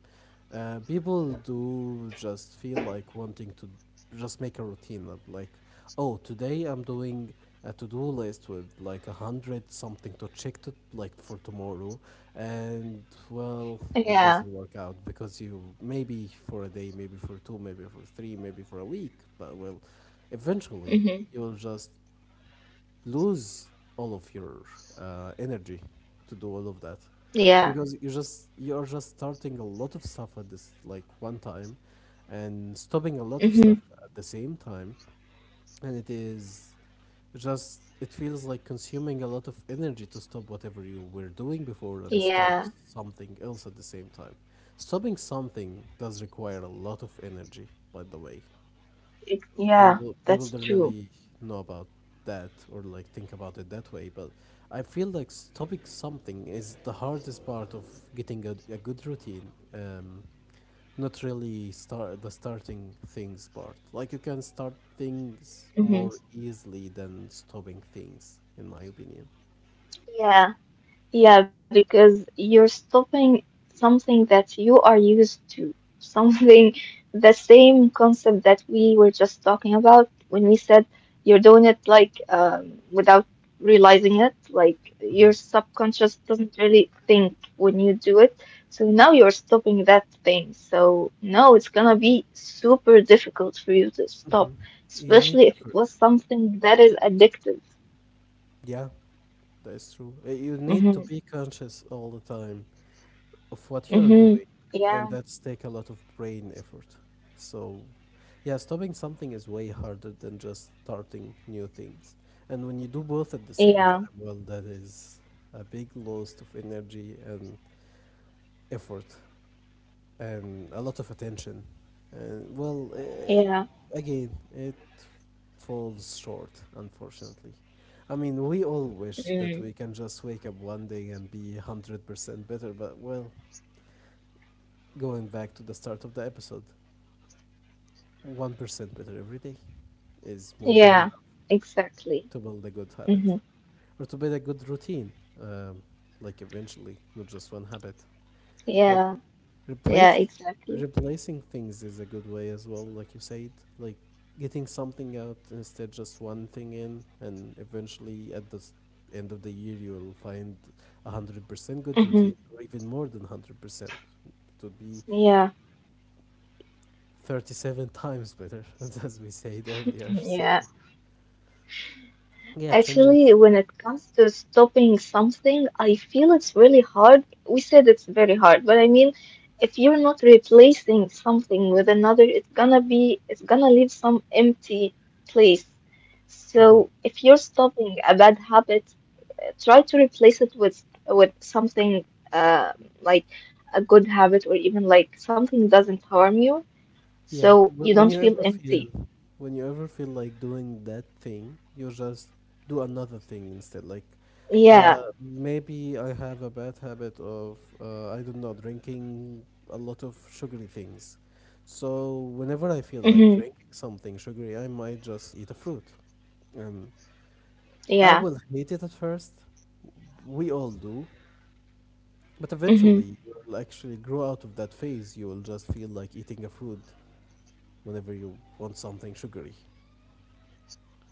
Speaker 1: People do just feel like wanting to just make a routine of like, oh, today I'm doing a to-do list with like a hundred something to check to like for tomorrow, and well,
Speaker 2: Yeah.
Speaker 1: it doesn't work out because you maybe for a day, maybe for two, maybe for three, maybe for a week, but well, eventually
Speaker 2: Hmm.
Speaker 1: you'll just lose all of your energy to do all of that
Speaker 2: Yeah.
Speaker 1: because you're just starting a lot of stuff at this like one time and stopping a lot
Speaker 2: Hmm.
Speaker 1: of stuff at the same time, and it is just it feels like consuming a lot of energy to stop whatever you were doing before and start
Speaker 2: Yeah.
Speaker 1: something else at the same time. Stopping something does require a lot of energy, by the way.
Speaker 2: It, yeah.
Speaker 1: People
Speaker 2: That's
Speaker 1: don't
Speaker 2: true.
Speaker 1: really know about that or like think about it that way, but I feel like stopping something is the hardest part of getting a good routine, um, not really starting things part. Like you can start things
Speaker 2: Hmm.
Speaker 1: more easily than stopping things, in my opinion.
Speaker 2: Yeah. Yeah, because you're stopping something that you are used to, something the same concept that we were just talking about when we said you're doing it like without realizing it, like
Speaker 1: Mhm.
Speaker 2: your subconscious doesn't really think when you do it. So now you're stopping that thing. So no, it's gonna be super difficult for you to stop,
Speaker 1: Mhm. You need
Speaker 2: especially if it
Speaker 1: effort,
Speaker 2: was something that is addictive.
Speaker 1: yeah, that is true. You need to
Speaker 2: Mm-hmm.
Speaker 1: be conscious all the time of what you're
Speaker 2: Mm-hmm.
Speaker 1: doing, and
Speaker 2: Yeah.
Speaker 1: that's take a lot of brain effort. So, yeah, stopping something is way harder than just starting new things. And when you do both at the same time,
Speaker 2: Yeah.
Speaker 1: well, that is a big loss of energy and effort and a lot of attention. And, well,
Speaker 2: Yeah.
Speaker 1: again, it falls short, unfortunately. I mean, we all wish that we
Speaker 2: Mm.
Speaker 1: can just wake up one day and be 100% better, but, well, going back to the start of the episode, 1% better every day is more
Speaker 2: Yeah.
Speaker 1: than enough
Speaker 2: Exactly.
Speaker 1: to build a good
Speaker 2: Mm-hmm.
Speaker 1: habit or to build a good routine, um, like eventually, not just one habit. Like
Speaker 2: Yeah. Yeah.
Speaker 1: replace
Speaker 2: Exactly.
Speaker 1: replacing things is a good way as well, like you said, like getting something out instead just one thing in, and eventually at the end of the year you'll find a 100% good
Speaker 2: Mm-hmm.
Speaker 1: routine or even more than 100%. It would be
Speaker 2: Yeah.
Speaker 1: 37 times better, as we said earlier. So.
Speaker 2: Yeah.
Speaker 1: Yeah, changing.
Speaker 2: Actually, when it comes to stopping something, I feel it's really hard. We said it's very hard, but I mean, if you're not replacing something with another, it's gonna be, it's gonna leave some empty place.
Speaker 1: Mm-hmm.
Speaker 2: So if you're stopping a bad habit, try to replace it with something uh, like a good habit or even like something doesn't harm you
Speaker 1: Yeah,
Speaker 2: so you
Speaker 1: wh-
Speaker 2: don't
Speaker 1: when you
Speaker 2: feel
Speaker 1: ever
Speaker 2: empty
Speaker 1: feel, when you ever feel like doing that thing, you just do another thing instead. Like,
Speaker 2: yeah
Speaker 1: maybe I have a bad habit of, I don't know, drinking a lot of sugary things. So whenever
Speaker 2: hmm
Speaker 1: I feel like drinking something sugary, I might just eat a fruit. And
Speaker 2: yeah
Speaker 1: I will hate it at first. We all do. But
Speaker 2: Mm-hmm.
Speaker 1: eventually, you'll actually grow out of that phase. You will just feel like eating a fruit whenever you want something sugary.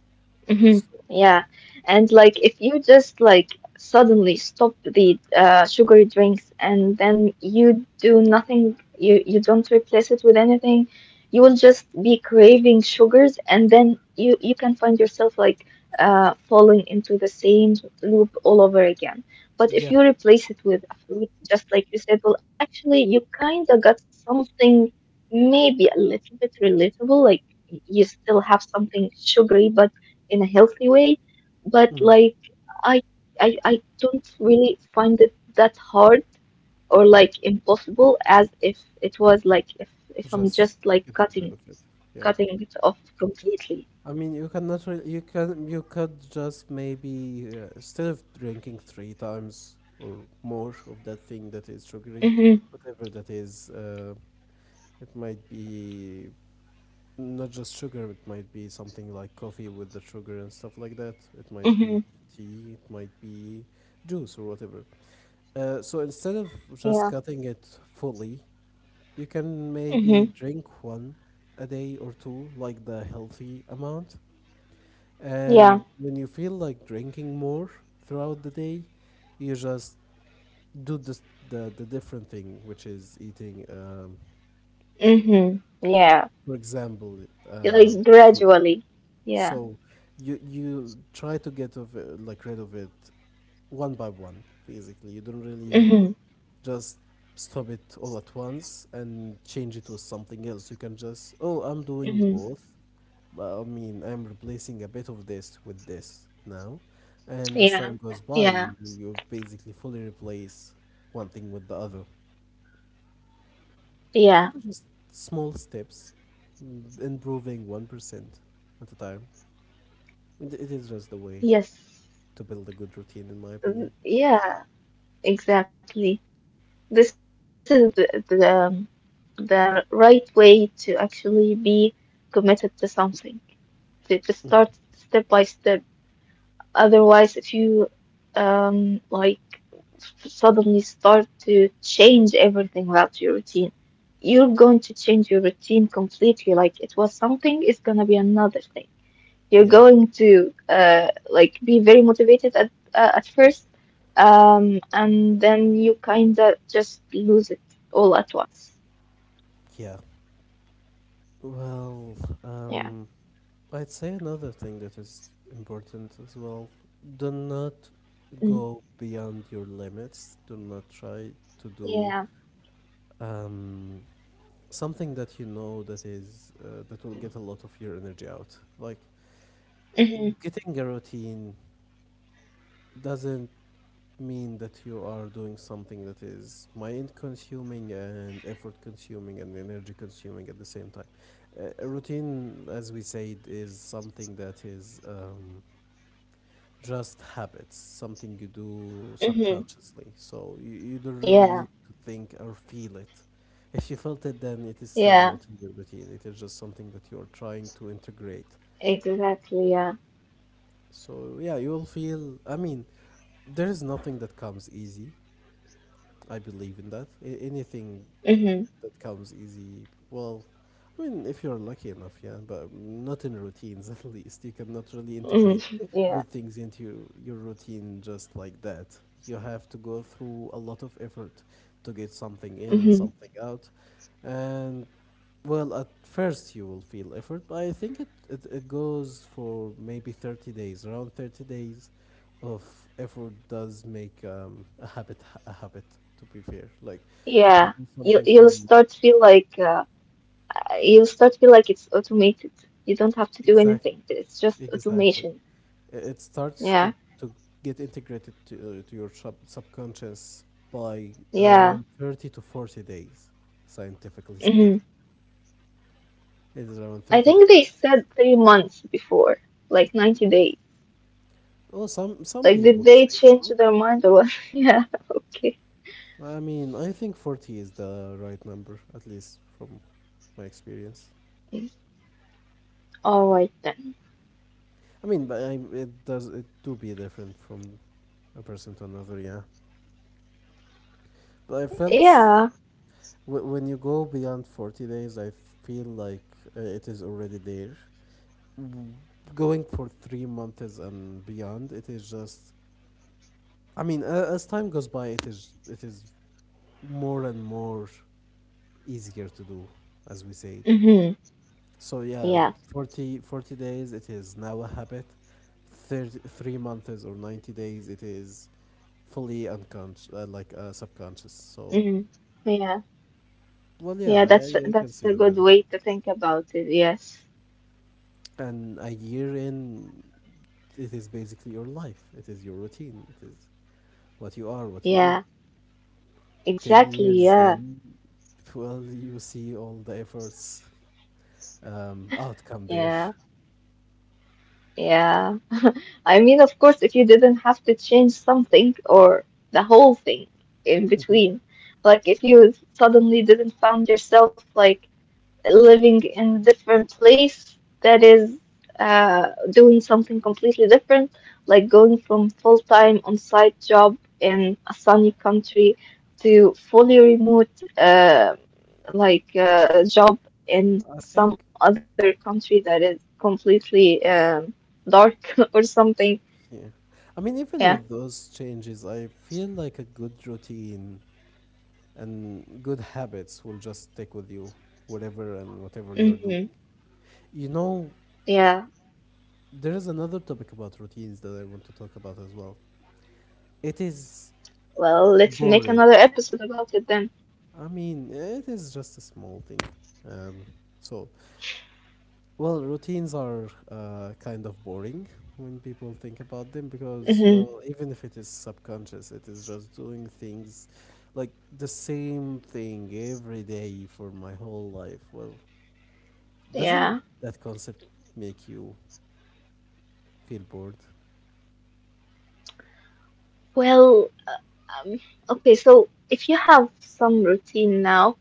Speaker 2: Hmm.
Speaker 1: So,
Speaker 2: Yeah. And like if you just like suddenly stop the sugary drinks and then you do nothing, you don't replace it with anything, you will just be craving sugars and then you can find yourself like falling into the same loop all over again. But if
Speaker 1: yeah.
Speaker 2: you replace it with a fruit, just like you said, well, actually you kind of got something maybe a little bit relatable, like you still have something sugary, but in a healthy way, but
Speaker 1: hmm
Speaker 2: like I I don't really find it that hard or like impossible as if it was like if I'm
Speaker 1: just
Speaker 2: just like
Speaker 1: getting rid of it. Yeah,
Speaker 2: cutting it off completely.
Speaker 1: I mean, you cannot really. You could just maybe, instead of drinking three times or more of that thing that is sugary,
Speaker 2: Mm-hmm.
Speaker 1: whatever that is, it might be not just sugar. It might be something like coffee with the sugar and stuff like that. It might be
Speaker 2: Mm-hmm.
Speaker 1: tea. It might be juice or whatever. So instead of just
Speaker 2: Yeah.
Speaker 1: cutting it fully, you can
Speaker 2: Mm-hmm.
Speaker 1: maybe drink one a day or two, like the healthy amount.
Speaker 2: Yeah.
Speaker 1: And when you feel like drinking more throughout the day, you just do the different thing, which is eating,
Speaker 2: Mm-hmm. Yeah.
Speaker 1: for example, uh,
Speaker 2: Like
Speaker 1: fruit.
Speaker 2: gradually. Yeah.
Speaker 1: So you try to get of it, like rid of it one by one, basically. You don't really
Speaker 2: Mm-hmm.
Speaker 1: just stop it all at once and change it to something else. You can just, oh, I'm doing
Speaker 2: Mm-hmm.
Speaker 1: both. But I mean, I'm replacing a bit of this with this now. And as time
Speaker 2: Yeah.
Speaker 1: goes by, you,
Speaker 2: Yeah.
Speaker 1: you basically fully replace one thing with the other.
Speaker 2: Yeah.
Speaker 1: It's just small steps, improving 1% at a time. It is just the way
Speaker 2: Yes.
Speaker 1: to build a good routine, in my opinion.
Speaker 2: Mm, yeah. Exactly. This is the right way to actually be committed to something, to start step by step. Otherwise, if you like suddenly start to change everything about your routine, you're going to change your routine completely. Like it was something, it's gonna be another thing. You're
Speaker 1: Yeah,
Speaker 2: going to like be very motivated at first, and then you kind of just lose it all at once.
Speaker 1: yeah. Well, um,
Speaker 2: Yeah.
Speaker 1: I'd say another thing that is important as well. Do not go
Speaker 2: Mm.
Speaker 1: beyond your limits, do not try to do
Speaker 2: Yeah.
Speaker 1: um, something that you know that will get a lot of your energy out. Like
Speaker 2: Mm-hmm.
Speaker 1: getting a routine doesn't mean that you are doing something that is mind consuming and effort consuming and energy consuming at the same time. A routine, as we said, is something that is, just habits, something you do subconsciously.
Speaker 2: Mm-hmm.
Speaker 1: So you don't really need to
Speaker 2: Yeah.
Speaker 1: think or feel it. If you felt it, then it is still not in your
Speaker 2: Yeah.
Speaker 1: routine. It is just something that you are trying to integrate.
Speaker 2: Exactly. Yeah.
Speaker 1: So yeah, you will feel. I mean, there is nothing that comes easy. I believe in that. Anything that
Speaker 2: Mm-hmm.
Speaker 1: comes easy, well, I mean, if you're lucky enough, yeah, but not in routines at least. You cannot really integrate
Speaker 2: Hmm.
Speaker 1: good things
Speaker 2: Yeah.
Speaker 1: into your routine just like that. You have to go through a lot of effort to get something in and something
Speaker 2: Mm-hmm.
Speaker 1: out. And, well, at first you will feel effort, but I think it goes for maybe 30 days. Around 30 days of effort does make a habit, to be fair. Like, if you
Speaker 2: Yeah.
Speaker 1: do
Speaker 2: You
Speaker 1: something for
Speaker 2: you'll
Speaker 1: a month,
Speaker 2: start feel like uh, you'll start feel like it's automated. You don't have to do
Speaker 1: exactly,
Speaker 2: anything. It's just
Speaker 1: exactly.
Speaker 2: automation.
Speaker 1: It starts to
Speaker 2: Yeah.
Speaker 1: to get integrated to your subconscious by
Speaker 2: Yeah.
Speaker 1: around 30 to 40 days, scientifically
Speaker 2: Mhm.
Speaker 1: speaking. It is around
Speaker 2: I
Speaker 1: 30 to
Speaker 2: think they
Speaker 1: 40.
Speaker 2: said 3 months before, like 90 days.
Speaker 1: Oh, some
Speaker 2: Like, did
Speaker 1: people
Speaker 2: they
Speaker 1: say
Speaker 2: change
Speaker 1: so.
Speaker 2: their mind or what? yeah, okay.
Speaker 1: I mean, I think 40 is the right number, at least from my experience.
Speaker 2: All right then.
Speaker 1: I mean, but it does it do be different from a person to another, yeah. But I felt.
Speaker 2: Yeah.
Speaker 1: When you go beyond 40 days, I feel like, it is already there. W- Going for 3 months and beyond, it is just. I mean, as time goes by, it is more and more easier to do, as we said.
Speaker 2: Mm-hmm.
Speaker 1: So yeah,
Speaker 2: Yeah.
Speaker 1: 40 40 days, it is now a habit. Thirty three months or 90 days, it is fully unconscious, like, subconscious. So,
Speaker 2: Mm-hmm. Yeah.
Speaker 1: well, yeah,
Speaker 2: Yeah,
Speaker 1: I can
Speaker 2: that's
Speaker 1: see
Speaker 2: a
Speaker 1: the
Speaker 2: good
Speaker 1: vision.
Speaker 2: way to think about it. Yes.
Speaker 1: And a year in, it is basically your life. It is your routine. It is what you are, what you do.
Speaker 2: Yeah.
Speaker 1: Ten
Speaker 2: Exactly.
Speaker 1: years
Speaker 2: Yeah.
Speaker 1: in, well, you see all the efforts, outcome there.
Speaker 2: Yeah. Yeah. I mean, of course, if you didn't have to change something or the whole thing in
Speaker 1: Mhm.
Speaker 2: between, like if you suddenly didn't found yourself like living in a different place that is doing something completely different, like going from full time on site job in a sunny country to fully remote uh, job in
Speaker 1: I
Speaker 2: some other
Speaker 1: think,
Speaker 2: country that is completely dark or something.
Speaker 1: yeah. I mean,
Speaker 2: Yeah.
Speaker 1: even with those changes, I feel like a good routine and good habits will just stick with you whatever and whatever you're
Speaker 2: Hmm.
Speaker 1: doing. You know,
Speaker 2: Yeah.
Speaker 1: there is another topic about routines that I want to talk about as well. It is
Speaker 2: Well, let's make
Speaker 1: boring.
Speaker 2: another episode about it then.
Speaker 1: I mean, it is just a small thing. Um, so, well, routines are, kind of boring when people think about them because,
Speaker 2: Hmm.
Speaker 1: well, even if it is subconscious, it is just doing things like the same thing every day for my whole life. Well,
Speaker 2: Yeah.
Speaker 1: doesn't that concept make you feel bored?
Speaker 2: Well, uh, um, okay, so if you have some routine now,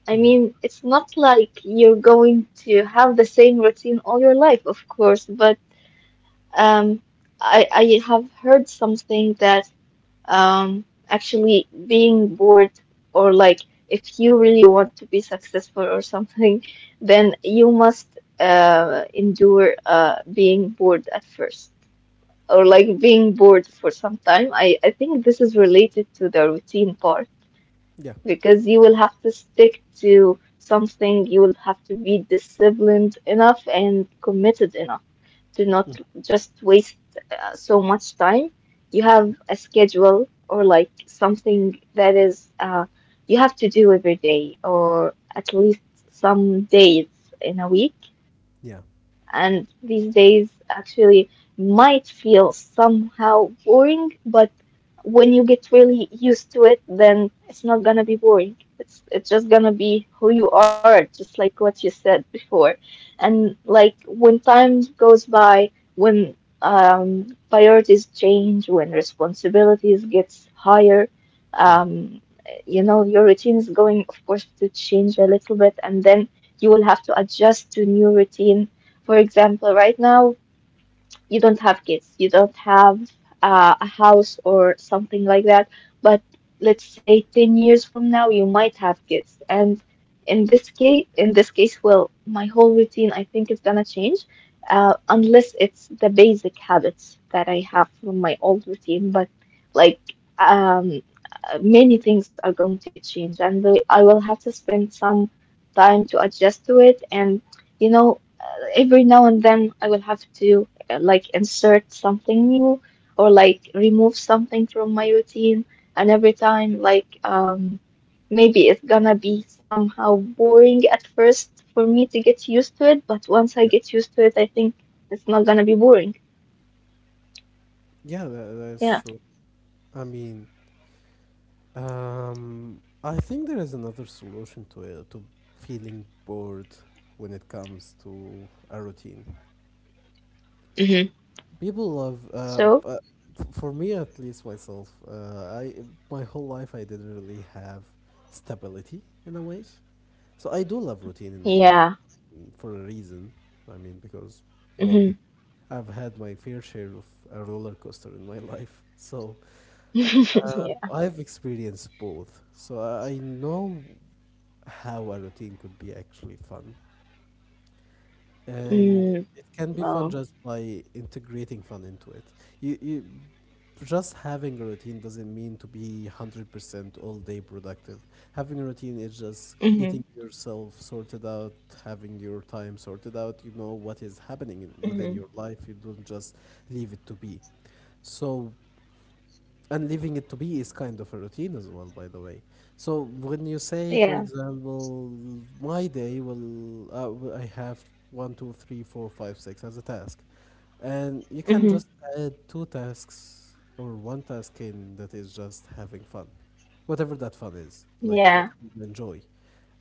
Speaker 2: I
Speaker 1: Hmm.
Speaker 2: mean, it's not like you're going to have the same routine all your life, of course, but um, I have heard something that actually being bored or like if you really want to be successful or something, then you must endure being bored at first or like being bored for some time. I think this is related to the routine part
Speaker 1: Yeah.
Speaker 2: because you will have to stick to something, you will have to be disciplined enough and committed enough do
Speaker 1: Mhm.
Speaker 2: not just waste so much time. You
Speaker 1: Yeah.
Speaker 2: have a schedule or like something that is you have to do every day or at least some days in a week.
Speaker 1: Yeah.
Speaker 2: And these days actually might feel somehow boring, but when you get really used to it, then it's not gonna be boring. It's just gonna be who you are, just like what you said before. And like when time goes by, when priorities change, when responsibilities gets higher,
Speaker 1: Yeah.
Speaker 2: um you know, your routine is going of course to change a little bit and then you will have to adjust to new routine. For example, right now you don't have kids, you don't have a house or something like that. But let's say 10 years from now, you might have kids. And in this case, well, my whole routine, I think, is gonna change, unless it's the basic habits that I have from my old routine. But like, um, many things are going to change, and the- I will have to spend some time to adjust to it. And you know, every now and then I will have to like insert something new or like remove something from my routine. And every time, like, maybe it's gonna be somehow boring at first for me to get used to it, but once I get
Speaker 1: Yeah.
Speaker 2: used to it, I think it's not gonna be boring.
Speaker 1: Yeah, that,
Speaker 2: Yeah.
Speaker 1: that's true. I mean, I think there is another solution to it, to feeling bored when it comes to a routine.
Speaker 2: Hmm.
Speaker 1: People love,
Speaker 2: So,
Speaker 1: but for me at least myself, I my whole life I didn't really have stability in a way. So I do love routine
Speaker 2: yeah.
Speaker 1: for a reason. I mean, because,
Speaker 2: Hmm.
Speaker 1: well, I've had my fair share of a roller coaster in my life, so I've experienced both. So I know how a routine could be actually fun.
Speaker 2: yeah.
Speaker 1: And it can be
Speaker 2: Oh.
Speaker 1: fun just by integrating fun into it. You just having a routine doesn't mean to be 100% all day productive. Having a routine is just
Speaker 2: Mhm.
Speaker 1: getting yourself sorted out, having your time sorted out. You know what is happening within
Speaker 2: Mhm.
Speaker 1: your life. You don't just leave it to be. So, and leaving it to be is kind of a routine as well, by the way. So when you say, for
Speaker 2: Yeah.
Speaker 1: example, my day will. I have 1, 2, 3, 4, 5, 6 as a task, and you can
Speaker 2: Mhm.
Speaker 1: just add two tasks or one task in that is just having fun, whatever that fun is, like whatever
Speaker 2: Yeah.
Speaker 1: you enjoy.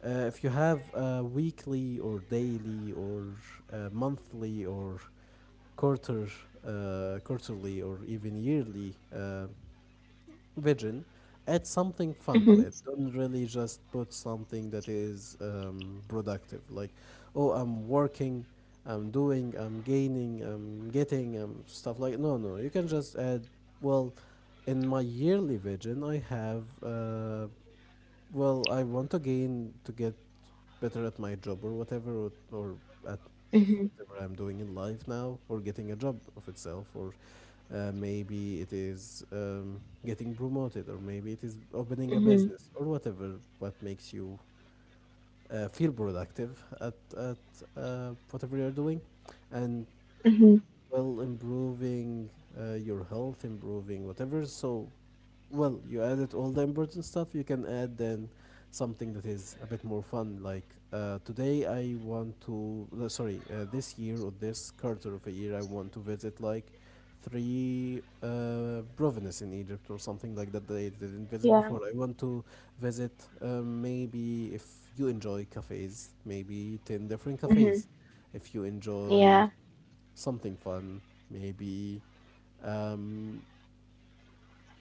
Speaker 1: If you have a weekly or daily or, monthly, or quarter quarterly, or even yearly, vision, add something fun to
Speaker 2: Mhm.
Speaker 1: it. Don't really just put something that is, productive. Like, oh, I'm working, I'm doing, I'm gaining, I'm getting, stuff like. No, no. You can just add. Well, in my yearly vision, I have. Well, I want to gain to get better at my job or whatever, or at
Speaker 2: Mhm.
Speaker 1: whatever I'm doing in life now, or getting a job of itself, or, maybe it is, getting promoted, or maybe it is opening a
Speaker 2: Mhm.
Speaker 1: business, or whatever what makes you, feel productive at whatever you're doing, and,
Speaker 2: Mhm.
Speaker 1: well, improving, your health, improving whatever. So, well, you added all the important stuff. You can add then something that is a bit more fun. Like, today, I want to. No, sorry, this year or this quarter of a year, I want to visit like three provinces in Egypt or something like that that I didn't visit
Speaker 2: Yeah.
Speaker 1: before. I want to visit, maybe if you enjoy cafes, maybe 10 different
Speaker 2: Mhm.
Speaker 1: cafes. If you enjoy
Speaker 2: Yeah.
Speaker 1: something fun, maybe, um,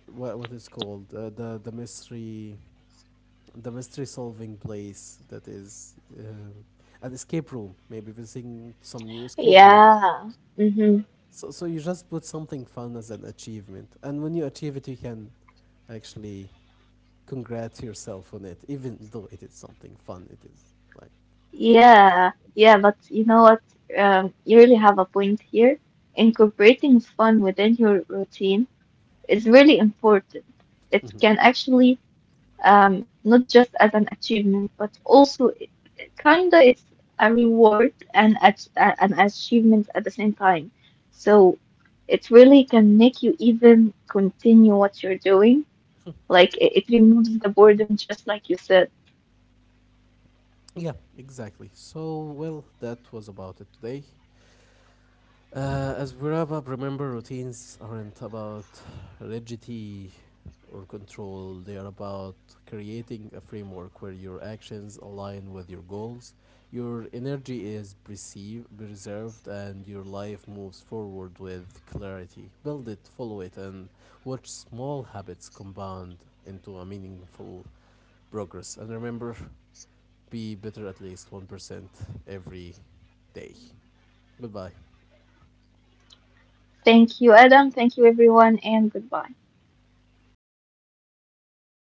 Speaker 1: what is called, the mystery solving place that is, an escape room. Maybe visiting some new escape room.
Speaker 2: Yeah. Mhm.
Speaker 1: So you just put something fun as an achievement, and when you achieve it you can actually congrat yourself on it, even though it is something fun. It is like.
Speaker 2: Yeah. Yeah. But you know what? You really have a point here. Incorporating fun within your routine is really important. It
Speaker 1: Mhm.
Speaker 2: can actually not just as an achievement, but also Kinda, it's a reward and an achievement at the same time. So it really can make you even continue what you're doing. Like it removes the boredom, just like you said.
Speaker 1: Yeah, exactly. So, well, that was about it today. As we wrap up, remember, routines aren't about rigidity or control. They are about creating a framework where your actions align with your goals, your energy is perceived, preserved, and your life moves forward with clarity. Build it, follow it, and watch small habits compound into a meaningful progress. And remember, be better at least 1% every day. Goodbye.
Speaker 2: Thank you, Adam. Thank you, everyone, and goodbye.